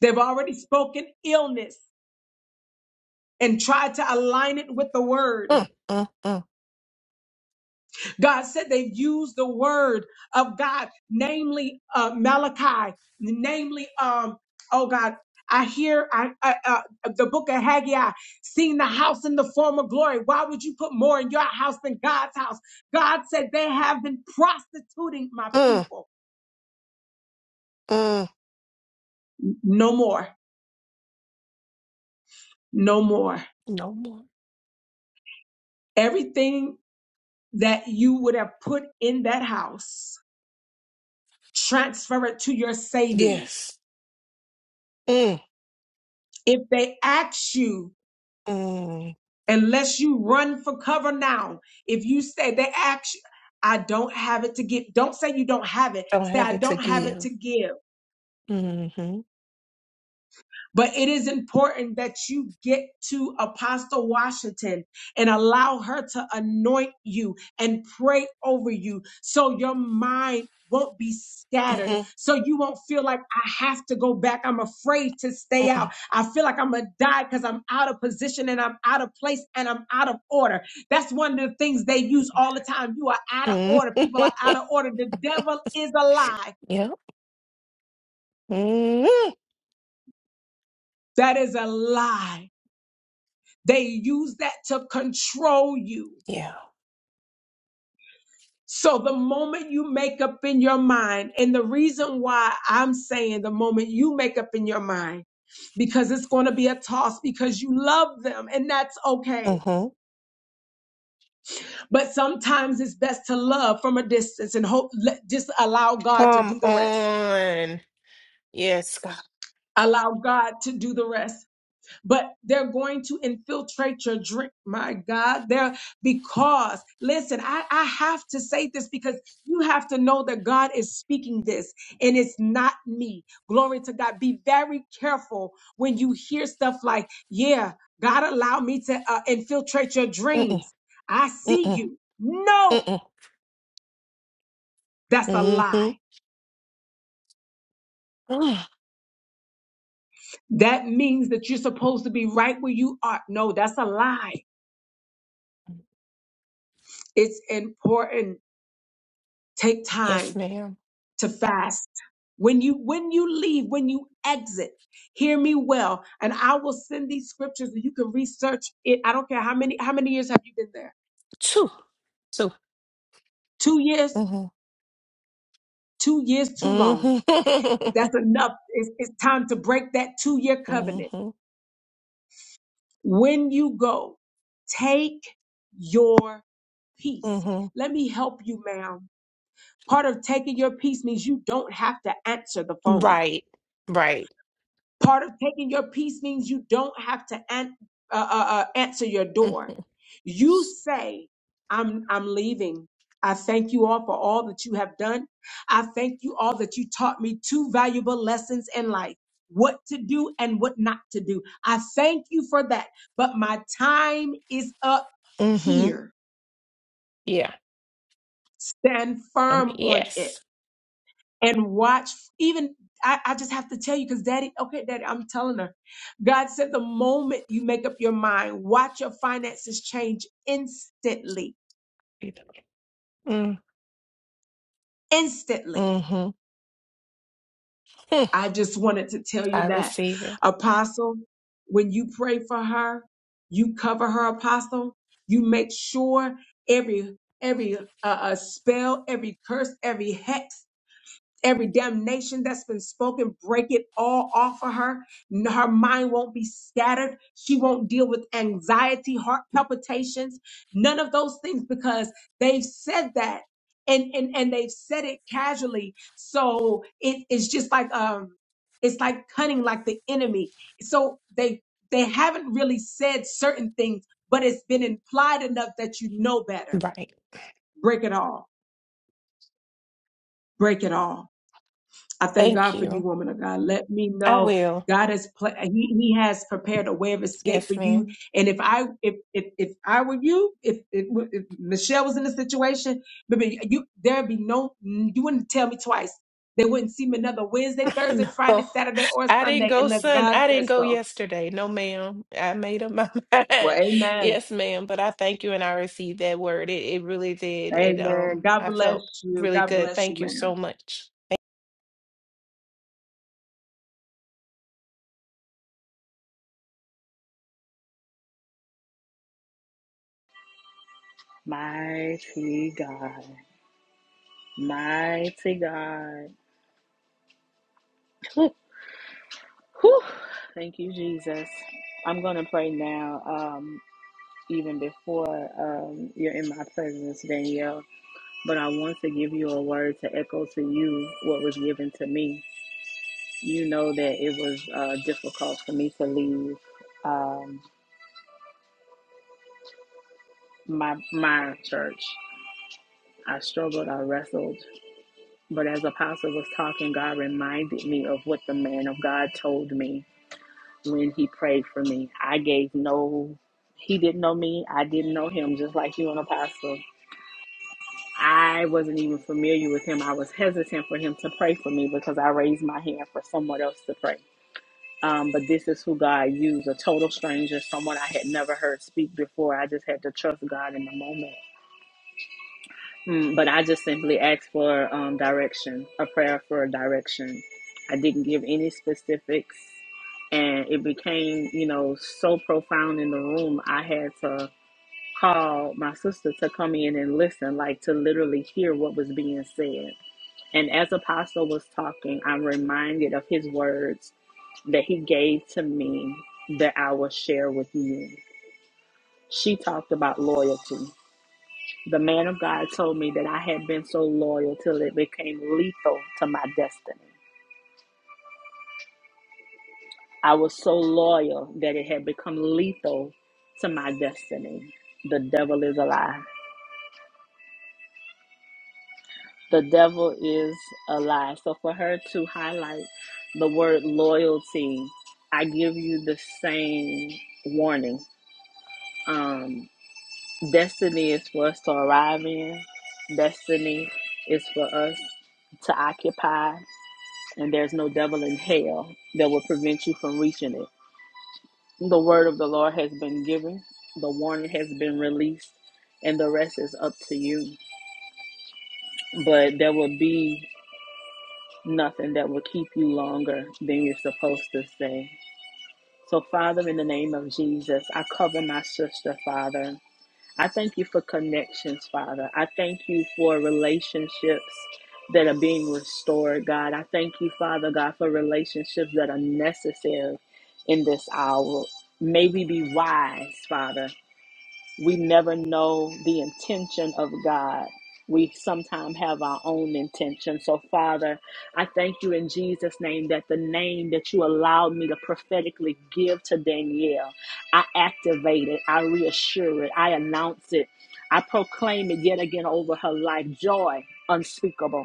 C: They've already spoken illness and tried to align it with the word.
D: mm, mm, mm,
C: God said they've used the word of God, namely uh, Malachi, namely, um, oh God. I hear I, I, uh, the book of Haggai, seeing the house in the form of glory. Why would you put more in your house than God's house? God said they have been prostituting my
D: mm,
C: people.
D: mm.
C: No more, no more.
D: No more.
C: Everything that you would have put in that house transfer it to your savings.
D: Yes. Mm,
C: If they ask you,
D: mm.
C: unless you run for cover now, if you say they ask you, I don't have it to give, don't say you don't have it.
D: Don't
C: Say,
D: have
C: I
D: it to
C: don't have it
D: give.
C: to give.
D: Mm-hmm.
C: But it is important that you get to Apostle Washington and allow her to anoint you and pray over you so your mind won't be scattered.
D: Mm-hmm.
C: So you won't feel like I have to go back. I'm afraid to stay out.
D: Mm-mm.
C: I feel like I'm going to die because I'm out of position and I'm out of place and I'm out of order. That's one of the things they use all the time. You are out of order. People
D: Mm-hmm.
C: are out of order. The devil is a lie.
D: [LAUGHS] Yep. Mm-hmm.
C: That is a lie. They use that to control you.
D: Yeah.
C: So the moment you make up in your mind, and the reason why I'm saying the moment you make up in your mind, because it's going to be a toss because you love them and that's okay.
D: Mm-hmm.
C: But sometimes it's best to love from a distance and hope, let, just allow God to
D: Come
C: do the rest.
D: on. Yes, God.
C: Allow God to do the rest. but they're going to infiltrate your drink. My God, they're because listen, I, I have to say this because you have to know that God is speaking this and it's not me. Glory to God. Be very careful when you hear stuff like, yeah, God allowed me to uh, infiltrate your
D: Mm-mm.
C: dreams. I see
D: Mm-mm.
C: you. No,
D: Mm-mm.
C: that's a
D: Mm-hmm.
C: lie.
D: Ah,
C: That means that you're supposed to be right where you are. No, that's a lie. It's important. Take time
D: yes, ma'am.
C: to fast. When you when you leave, when you exit, hear me well, and I will send these scriptures and you can research it. I don't care how many how many years have you been there?
D: Two. Two.
C: 2 years,
D: Mm-hmm.
C: 2 years too long.
D: Mm-hmm.
C: That's enough. It's, it's time to break that 2-year covenant.
D: mm-hmm.
C: When you go, take your peace.
D: Mm-hmm.
C: Let me help you, ma'am. Part of taking your peace means you don't have to answer the
D: [LAUGHS]
C: phone.
D: Right. Right.
C: Part of taking your peace means you don't have to an- uh, uh, uh, answer your door.
D: Mm-hmm.
C: You say, I'm, I'm leaving. I thank you all for all that you have done. I thank you all that you taught me two valuable lessons in life what to do and what not to do. I thank you for that. But my time is up
D: Mm-hmm.
C: here.
D: Yeah.
C: Stand
D: Um,
C: firm on it.
D: yes.
C: and watch. Even I, I just have to tell you, because daddy, okay, daddy, I'm telling her. God said the moment you make up your mind, watch your finances change instantly.
D: Mm,
C: Instantly.
D: mhm. Hmm,
C: I just wanted to tell you
D: I
C: that.
D: receive it.
C: Apostle, when you pray for her, you cover her, Apostle. You make sure every every uh, uh, spell, every curse, every hex Every damnation that's been spoken, break it all off of her. N- Her mind won't be scattered. She won't deal with anxiety, heart palpitations, none of those things because they've said that and and and they've said it casually. So it, it's just like um, it's like cunning, like the enemy. So they they haven't really said certain things, but it's been implied enough that you know better.
D: Right.
C: Break it all. Break it all I thank
D: Thank
C: God for you,
D: you.
C: woman of God. Let me
D: I
C: know
D: will.
C: God has pla- he, he has prepared a way of escape
D: Yes,
C: for you.
D: ma'am.
C: And if I if if, if I were you, if, if if Michelle was in the situation, baby, you there'd be no you wouldn't tell me twice. They wouldn't see me another Wednesday,
D: [LAUGHS]
C: Thursday, Friday,
D: No,
C: Saturday, or
D: I didn't
C: Sunday
D: go
C: unless
D: Sun.
C: God
D: I didn't
C: says
D: go
C: so.
D: yesterday. No, ma'am. I made up my [LAUGHS] mind.
C: Well, Amen,
D: Yes, ma'am. But I thank you, and I received that word. It it really did. It
C: Amen.
D: um,
C: God
D: I
C: bless
D: felt
C: you.
D: really
C: God
D: good.
C: bless
D: Thank
C: you,
D: you
C: ma'am.
D: so much.
A: Mighty God. Mighty God. Whew, whew. Thank you, Jesus. I'm going to pray now, um, even before um, you're in my presence, Danielle. But I want to give you a word to echo to you what was given to me. You know that it was uh, difficult for me to leave um, my, my church. I struggled, I wrestled. But as Apostle was talking, God reminded me of what the man of God told me when he prayed for me. I gave no, he didn't know me. I didn't know him, just like you and Apostle. I wasn't even familiar with him. I was hesitant for him to pray for me because I raised my hand for someone else to pray. Um, but this is who God used a total stranger, someone I had never heard speak before. I just had to trust God in the moment. Mm, but I just simply asked for um, direction, a prayer for direction. I didn't give any specifics, and it became, you know, so profound in the room. I had to call my sister to come in and listen, like to literally hear what was being said. And as Apostle was talking, I'm reminded of his words that he gave to me that I will share with you. She talked about loyalty the man of God told me that I had been so loyal till it became lethal to my destiny. I was so loyal that it had become lethal to my destiny. The devil is a lie. The devil is a lie. So for her to highlight the word loyalty, I give you the same warning. Um, destiny is for us to arrive in. Destiny is for us to occupy. and there's no devil in hell that will prevent you from reaching it. The word of the Lord has been given, the warning has been released, and the rest is up to you. But there will be nothing that will keep you longer than you're supposed to stay. So, Father, in the name of Jesus, I cover my sister, Father. I thank you for connections, Father. I thank you for relationships that are being restored, God. I thank you, Father God, for relationships that are necessary in this hour. May we be wise, Father. We never know the intention of God. We sometimes have our own intention. So, Father, I thank you in Jesus' name that the name that you allowed me to prophetically give to Danielle, I activate it, I reassure it, I announce it, I proclaim it yet again over her life joy unspeakable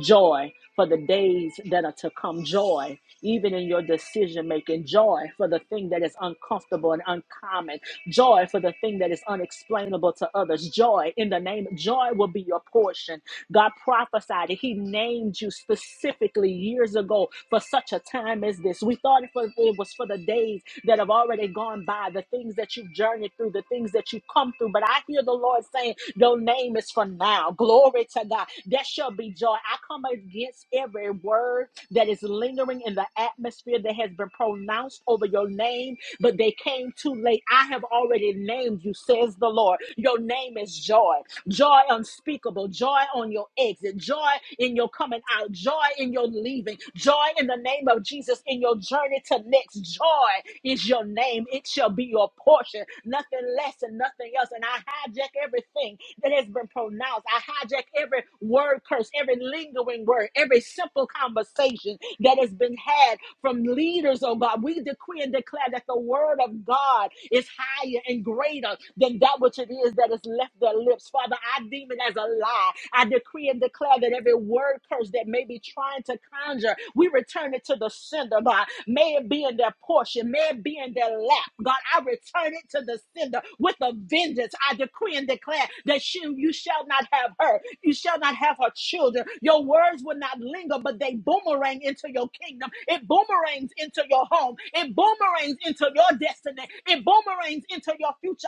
A: joy for the days that are to come, joy even in your decision making, joy for the thing that is uncomfortable and uncommon, joy for the thing that is unexplainable to others, joy in the name, joy will be your portion. God prophesied it. He named you specifically years ago for such a time as this. We thought it was it was for the days that have already gone by, the things that you've journeyed through, the things that you've come through. But I hear the Lord saying, your name is for now. Glory to God. There shall be joy. I come against every word that is lingering in the atmosphere that has been pronounced over your name, but they came too late. I have already named you, says the Lord. Your name is joy joy unspeakable, joy on your exit, joy in your coming out, joy in your leaving, joy in the name of Jesus in your journey to next. Joy is your name, it shall be your portion, nothing less and nothing else. And I hijack everything that has been pronounced, I hijack every word curse, every lingering word, every simple conversation that has been had from leaders leaders, oh God. We decree and declare that the word of God is higher and greater than that which it is that has left their lips. Father, I deem it as a lie. I decree and declare that every word curse that may be trying to conjure, we return it to the sender, God. May it be in their portion, may it be in their lap. God, I return it to the sender with a vengeance. I decree and declare that she him, you shall not have her. You shall not have her children. Your words will not linger, but they boomerang into your kingdom. It boomerangs into your home. It boomerangs into your destiny. It boomerangs into your future.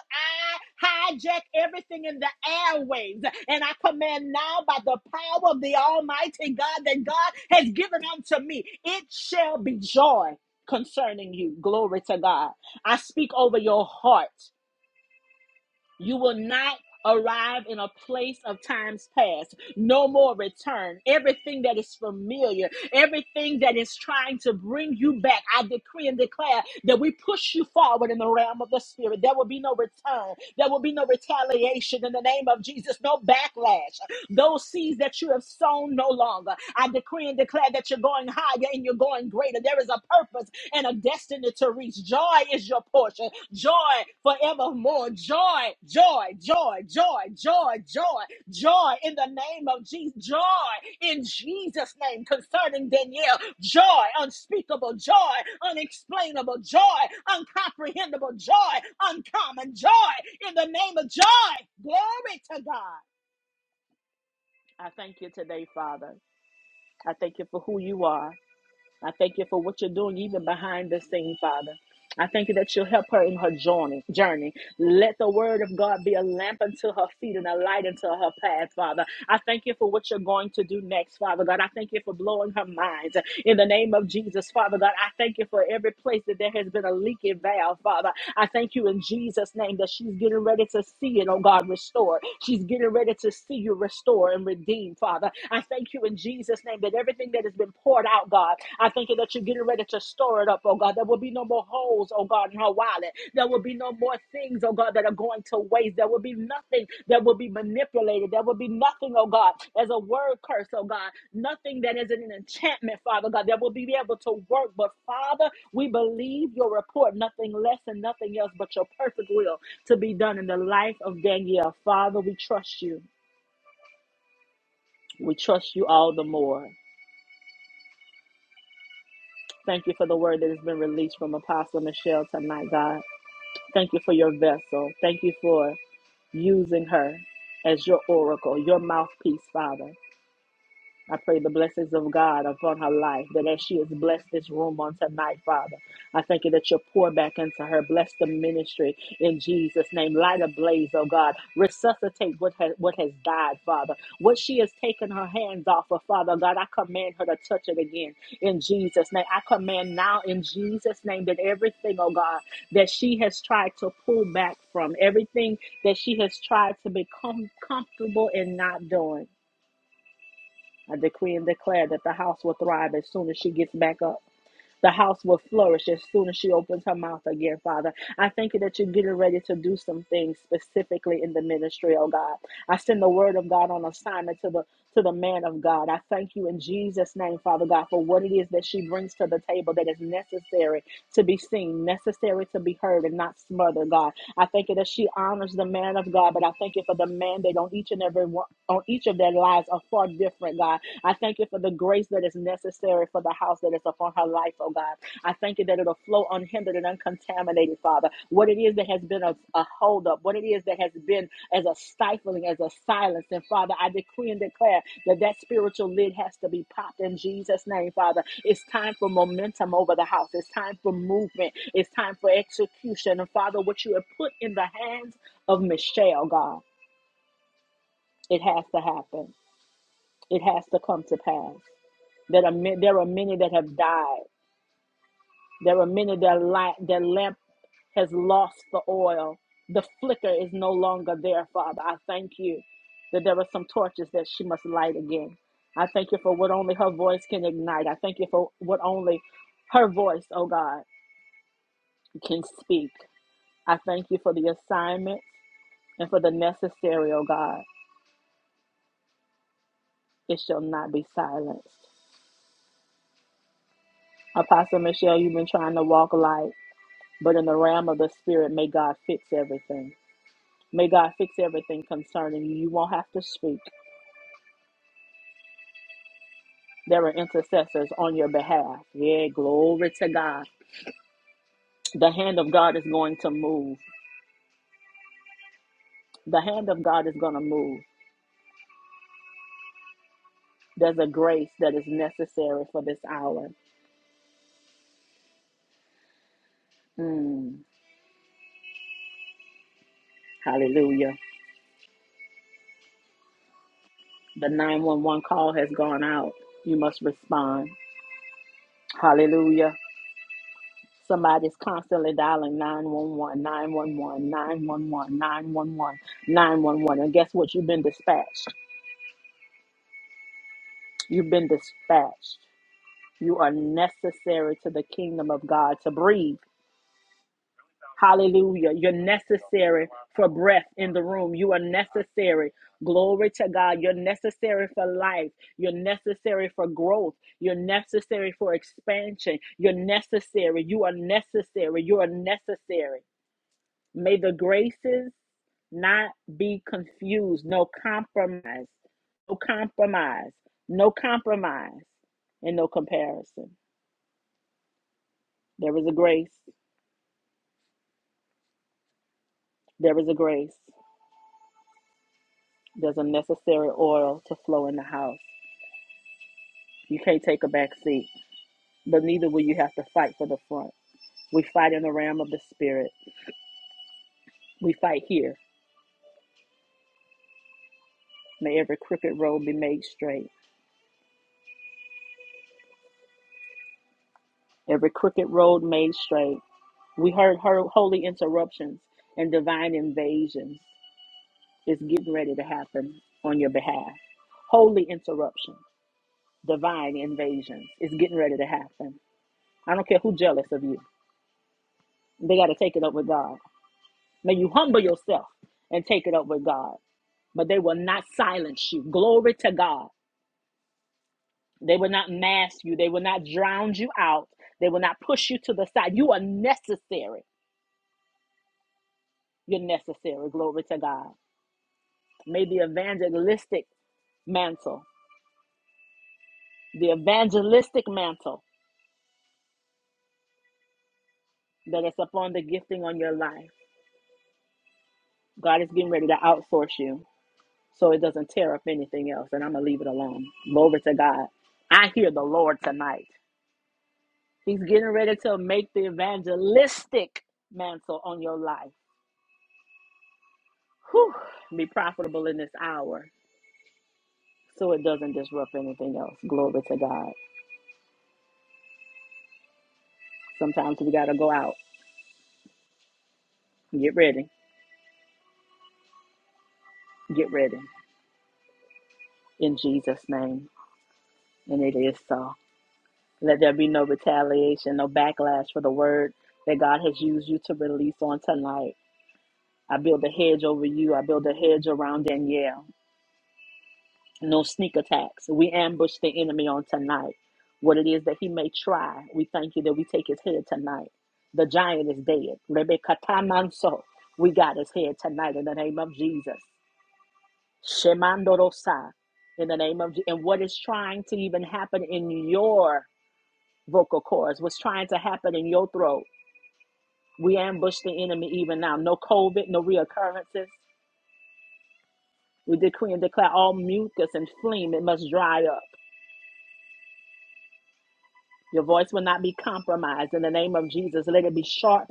A: I hijack everything in the airwaves. And I command now by the power of the Almighty God that God has given unto me, it shall be joy concerning you. Glory to God. I speak over your heart. You will not arrive in a place of times past. No more return. Everything that is familiar, everything that is trying to bring you back, I decree and declare that we push you forward in the realm of the spirit. There will be no return. There will be no retaliation in the name of Jesus, no backlash. Those seeds that you have sown no longer. I decree and declare that you're going higher and you're going greater. There is a purpose and a destiny to reach. Joy is your portion. Joy forevermore. Joy, joy, joy, joy, joy, joy, joy in the name of Jesus. Joy in Jesus' name concerning Danielle. Joy, unspeakable joy, unexplainable joy, uncomprehendable joy, uncommon joy in the name of joy. Glory to God. I thank you today, Father. I thank you for who you are. I thank you for what you're doing even behind the scene, Father. I thank you that you'll help her in her journey. Journey. Let the word of God be a lamp unto her feet and a light unto her path, Father. I thank you for what you're going to do next, Father God. I thank you for blowing her mind in the name of Jesus, Father God. I thank you for every place that there has been a leaking valve, Father. I thank you in Jesus' name that she's getting ready to see it, oh God, restored. She's getting ready to see you restore and redeem, Father. I thank you in Jesus' name that everything that has been poured out, God, I. Thank you that you're getting ready to store it up, oh God. There will be no more holes, oh God, in her wallet. There will be no more things, oh God, that are going to waste. There will be nothing that will be manipulated. There will be nothing, oh God, as a word curse, oh God. Nothing that is an enchantment, Father God, that will be able to work. But Father, we believe your report, nothing less and nothing else but your perfect will to be done in the life of Danielle. Father, we trust you. We trust you all the more. Thank you for the word that has been released from Apostle Michelle tonight, God. Thank you for your vessel. Thank you for using her as your oracle, your mouthpiece, Father. I pray the blessings of God upon her life, that as she has blessed this room on tonight, Father, I thank you that you pour back into her. Bless the ministry in Jesus' name. Light a blaze, oh God. Resuscitate what has, what has died, Father. What she has taken her hands off of, Father God, I command her to touch it again in Jesus' name. I command now in Jesus' name that everything, oh God, that she has tried to pull back from, everything that she has tried to become comfortable in not doing. I decree and declare that the house will thrive as soon as she gets back up. The house will flourish as soon as she opens her mouth again, Father. I thank you that you're getting ready to do some things specifically in the ministry, oh God. I send the word of God on assignment to the to the man of God. I thank you in Jesus' name, Father God, for what it is that she brings to the table that is necessary to be seen, necessary to be heard, and not smothered, God. I thank you that she honors the man of God, but I thank you for the mandate on each and every one on each of their lives are far different, God. I thank you for the grace that is necessary for the house that is upon her life, oh God. I thank you that it'll flow unhindered and uncontaminated, Father. What it is that has been a, a holdup, what it is that has been as a stifling, as a silence. And Father, I decree and declare that that spiritual lid has to be popped in Jesus' name, Father. It's time for momentum over the house. It's time for movement. It's time for execution. And Father, what you have put in the hands of Michelle, God, it has to happen. It has to come to pass. That are, ma- there are many that have died. There are many that light, their lamp has lost the oil. The flicker is no longer there, Father. I thank you that there are some torches that she must light again. I thank you for what only her voice can ignite. I thank you for what only her voice, oh God, can speak. I thank you for the assignment and for the necessary, oh God. It shall not be silenced. Apostle Michelle, you've been trying to walk light. But in the realm of the spirit, may God fix everything. May God fix everything concerning you. You won't have to speak. There are intercessors on your behalf. Yeah, glory to God. The hand of God is going to move. The hand of God is going to move. There's a grace that is necessary for this hour. Mm, hallelujah. The 911 call has gone out. You must respond. Hallelujah. Somebody's constantly dialing 911 911 911 911 911. And guess what? You've been dispatched. You've been dispatched. You are necessary to the kingdom of God to breathe. Hallelujah. You're necessary for breath in the room. You are necessary. Glory to God. You're necessary for life. You're necessary for growth. You're necessary for expansion. You're necessary. You are necessary. You are necessary. May the graces not be confused. No compromise. No compromise. No compromise. And no comparison. There is a grace. There is a grace. There's a necessary oil to flow in the house. You can't take a back seat, but neither will you have to fight for the front. We fight in the realm of the spirit. We fight here. May every crooked road be made straight. Every crooked road made straight. We heard her holy interruptions and divine invasions. is getting ready to happen on your behalf. Holy interruption, divine invasions is getting ready to happen. I don't care who's jealous of you. They got to take it up with God. May you humble yourself and take it up with God. But they will not silence you. Glory to God. They will not mask you. They will not drown you out. They will not push you to the side. You are necessary. You're necessary. Glory to God. May the evangelistic mantle, the evangelistic mantle that it's upon the gifting on your life. God is getting ready to outsource you so it doesn't tear up anything else. And I'm going to leave it alone. Glory to God. I hear the Lord tonight. He's getting ready to make the evangelistic mantle on your life. Whew, be profitable in this hour so it doesn't disrupt anything else. Glory to God. Sometimes we got to go out. Get ready. Get ready. In Jesus' name. And it is so. Let there be no retaliation, no backlash for the word that God has used you to release on tonight. I build a hedge over you. I build a hedge around Danielle. No sneak attacks. We ambush the enemy on tonight. What it is that he may try, we thank you that we take his head tonight. The giant is dead. Rebecca Tamanso. We got his head tonight in the name of Jesus. Shemandorosa. In the name of Je- and what is trying to even happen in your vocal cords, what's trying to happen in your throat. We ambush the enemy even now. No COVID, no reoccurrences. We decree and declare all mucus and phlegm, it must dry up. Your voice will not be compromised in the name of Jesus. Let it be sharp,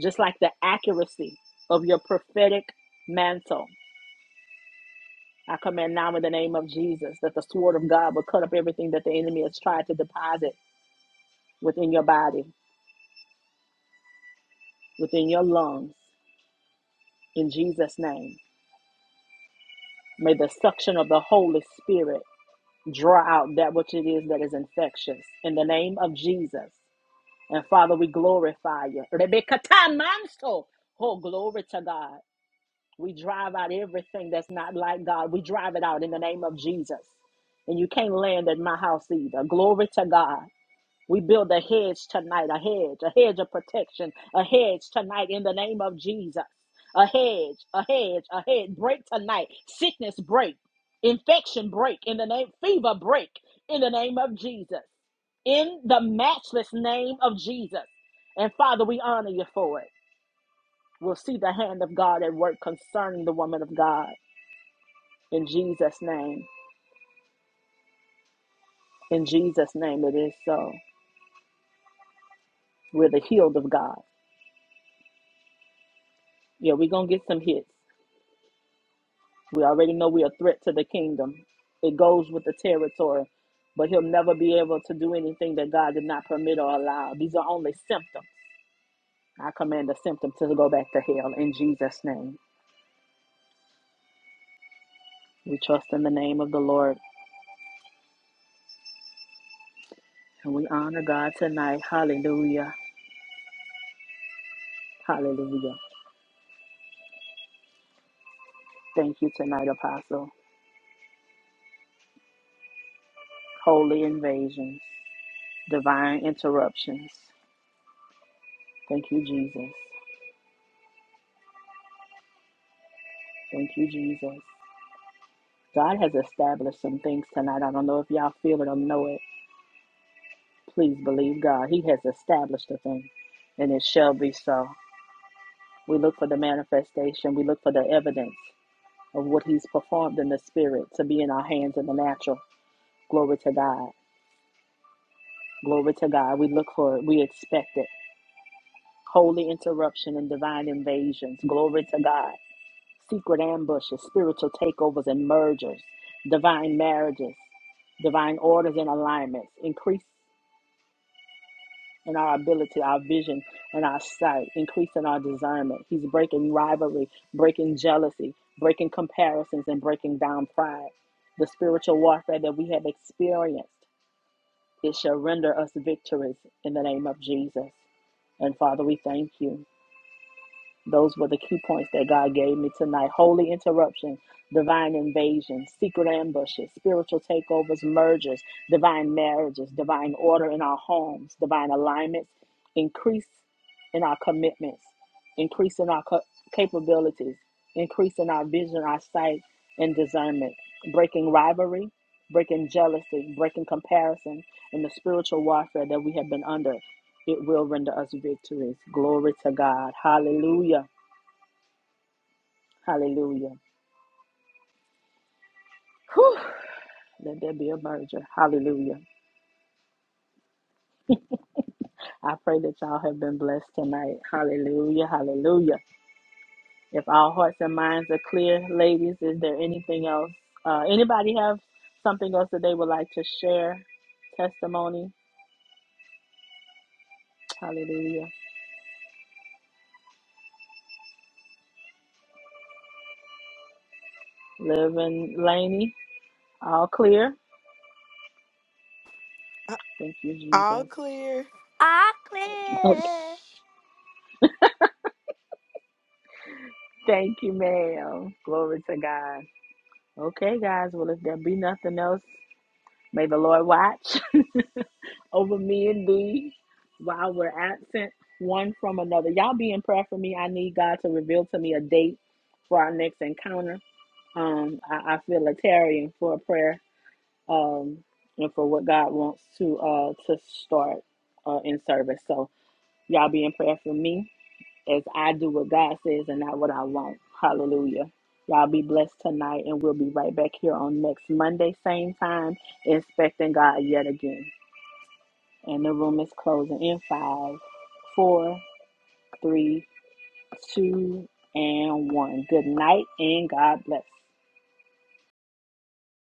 A: just like the accuracy of your prophetic mantle. I command now in the name of Jesus that the sword of God will cut up everything that the enemy has tried to deposit within your body, within your lungs, in Jesus' name. May the suction of the Holy Spirit Draw out that which it is that is infectious in the name of Jesus. And Father, we glorify you. Rebecca Manso. Oh, glory to God. We drive out everything that's not like God. We drive it out in the name of Jesus. And you can't land at my house either. Glory to God. We build a hedge tonight, a hedge, a hedge of protection, a hedge tonight in the name of Jesus. A hedge, a hedge, a hedge. Break tonight. Sickness break. Infection break in the name, fever break in the name of Jesus. In the matchless name of Jesus. And Father, we honor you for it. We'll see the hand of God at work concerning the woman of God. In Jesus' name. In Jesus' name, it is so. We're the healed of God. Yeah, we're going to get some hits. We already know we're a threat to the kingdom. It goes with the territory, but he'll never be able to do anything that God did not permit or allow. These are only symptoms. I command the symptom to go back to hell in Jesus' name. We trust in the name of the Lord and we honor God tonight. Hallelujah. Hallelujah. Thank you tonight, Apostle. Holy invasions, divine interruptions. Thank you, Jesus. Thank you, Jesus. God has established some things tonight. I don't know if y'all feel it or know it Please believe God. He has established a thing, and it shall be so. We look for the manifestation, we look for the evidence of what He's performed in the spirit to be in our hands in the natural. Glory to God. Glory to God. We look for it, we expect it. Holy interruption and divine invasions. Glory to God. Secret ambushes, spiritual takeovers and mergers, divine marriages, divine orders and alignments, increase. In our ability, our vision, and our sight, increasing our discernment. He's breaking rivalry, breaking jealousy, breaking comparisons, and breaking down pride. The spiritual warfare that we have experienced, it shall render us victories in the name of Jesus. And Father, we thank you. Those were the key points that God gave me tonight. Holy interruption, divine invasion, secret ambushes, spiritual takeovers, mergers, divine marriages, divine order in our homes, divine alignments, increase in our commitments, increase in our co- capabilities, increase in our vision, our sight, and discernment, breaking rivalry, breaking jealousy, breaking comparison, and the spiritual warfare that we have been under. It will render us victories. Glory to God. Hallelujah. Hallelujah. Whew. Let there be a merger. Hallelujah. I pray that y'all have been blessed tonight. Hallelujah. Hallelujah. If our hearts and minds are clear, ladies, is there anything else? Uh, anybody have something else that they would like to share? Testimony. Hallelujah. Living, in Laney. All clear.
B: A-
A: Thank you,
B: All
A: Jesus.
B: clear. All
A: [LAUGHS] Okay.
B: clear.
A: Thank you, ma'am. Glory to God. Okay, guys. Well, if there be nothing else, May the Lord watch [LAUGHS] over me and thee while we're absent one from another. Y'all be in prayer for me. I need God to reveal to me a date for our next encounter. Um, I, I feel a tarrying for a prayer um, and for what God wants to uh, to start uh, in service. So y'all be in prayer for me as I do what God says and not what I want. Hallelujah. Y'all be blessed tonight, and we'll be right back here on next Monday, same time, inspecting God yet again. And the room is closing in five, four, three, two, and one. Good night, and God bless.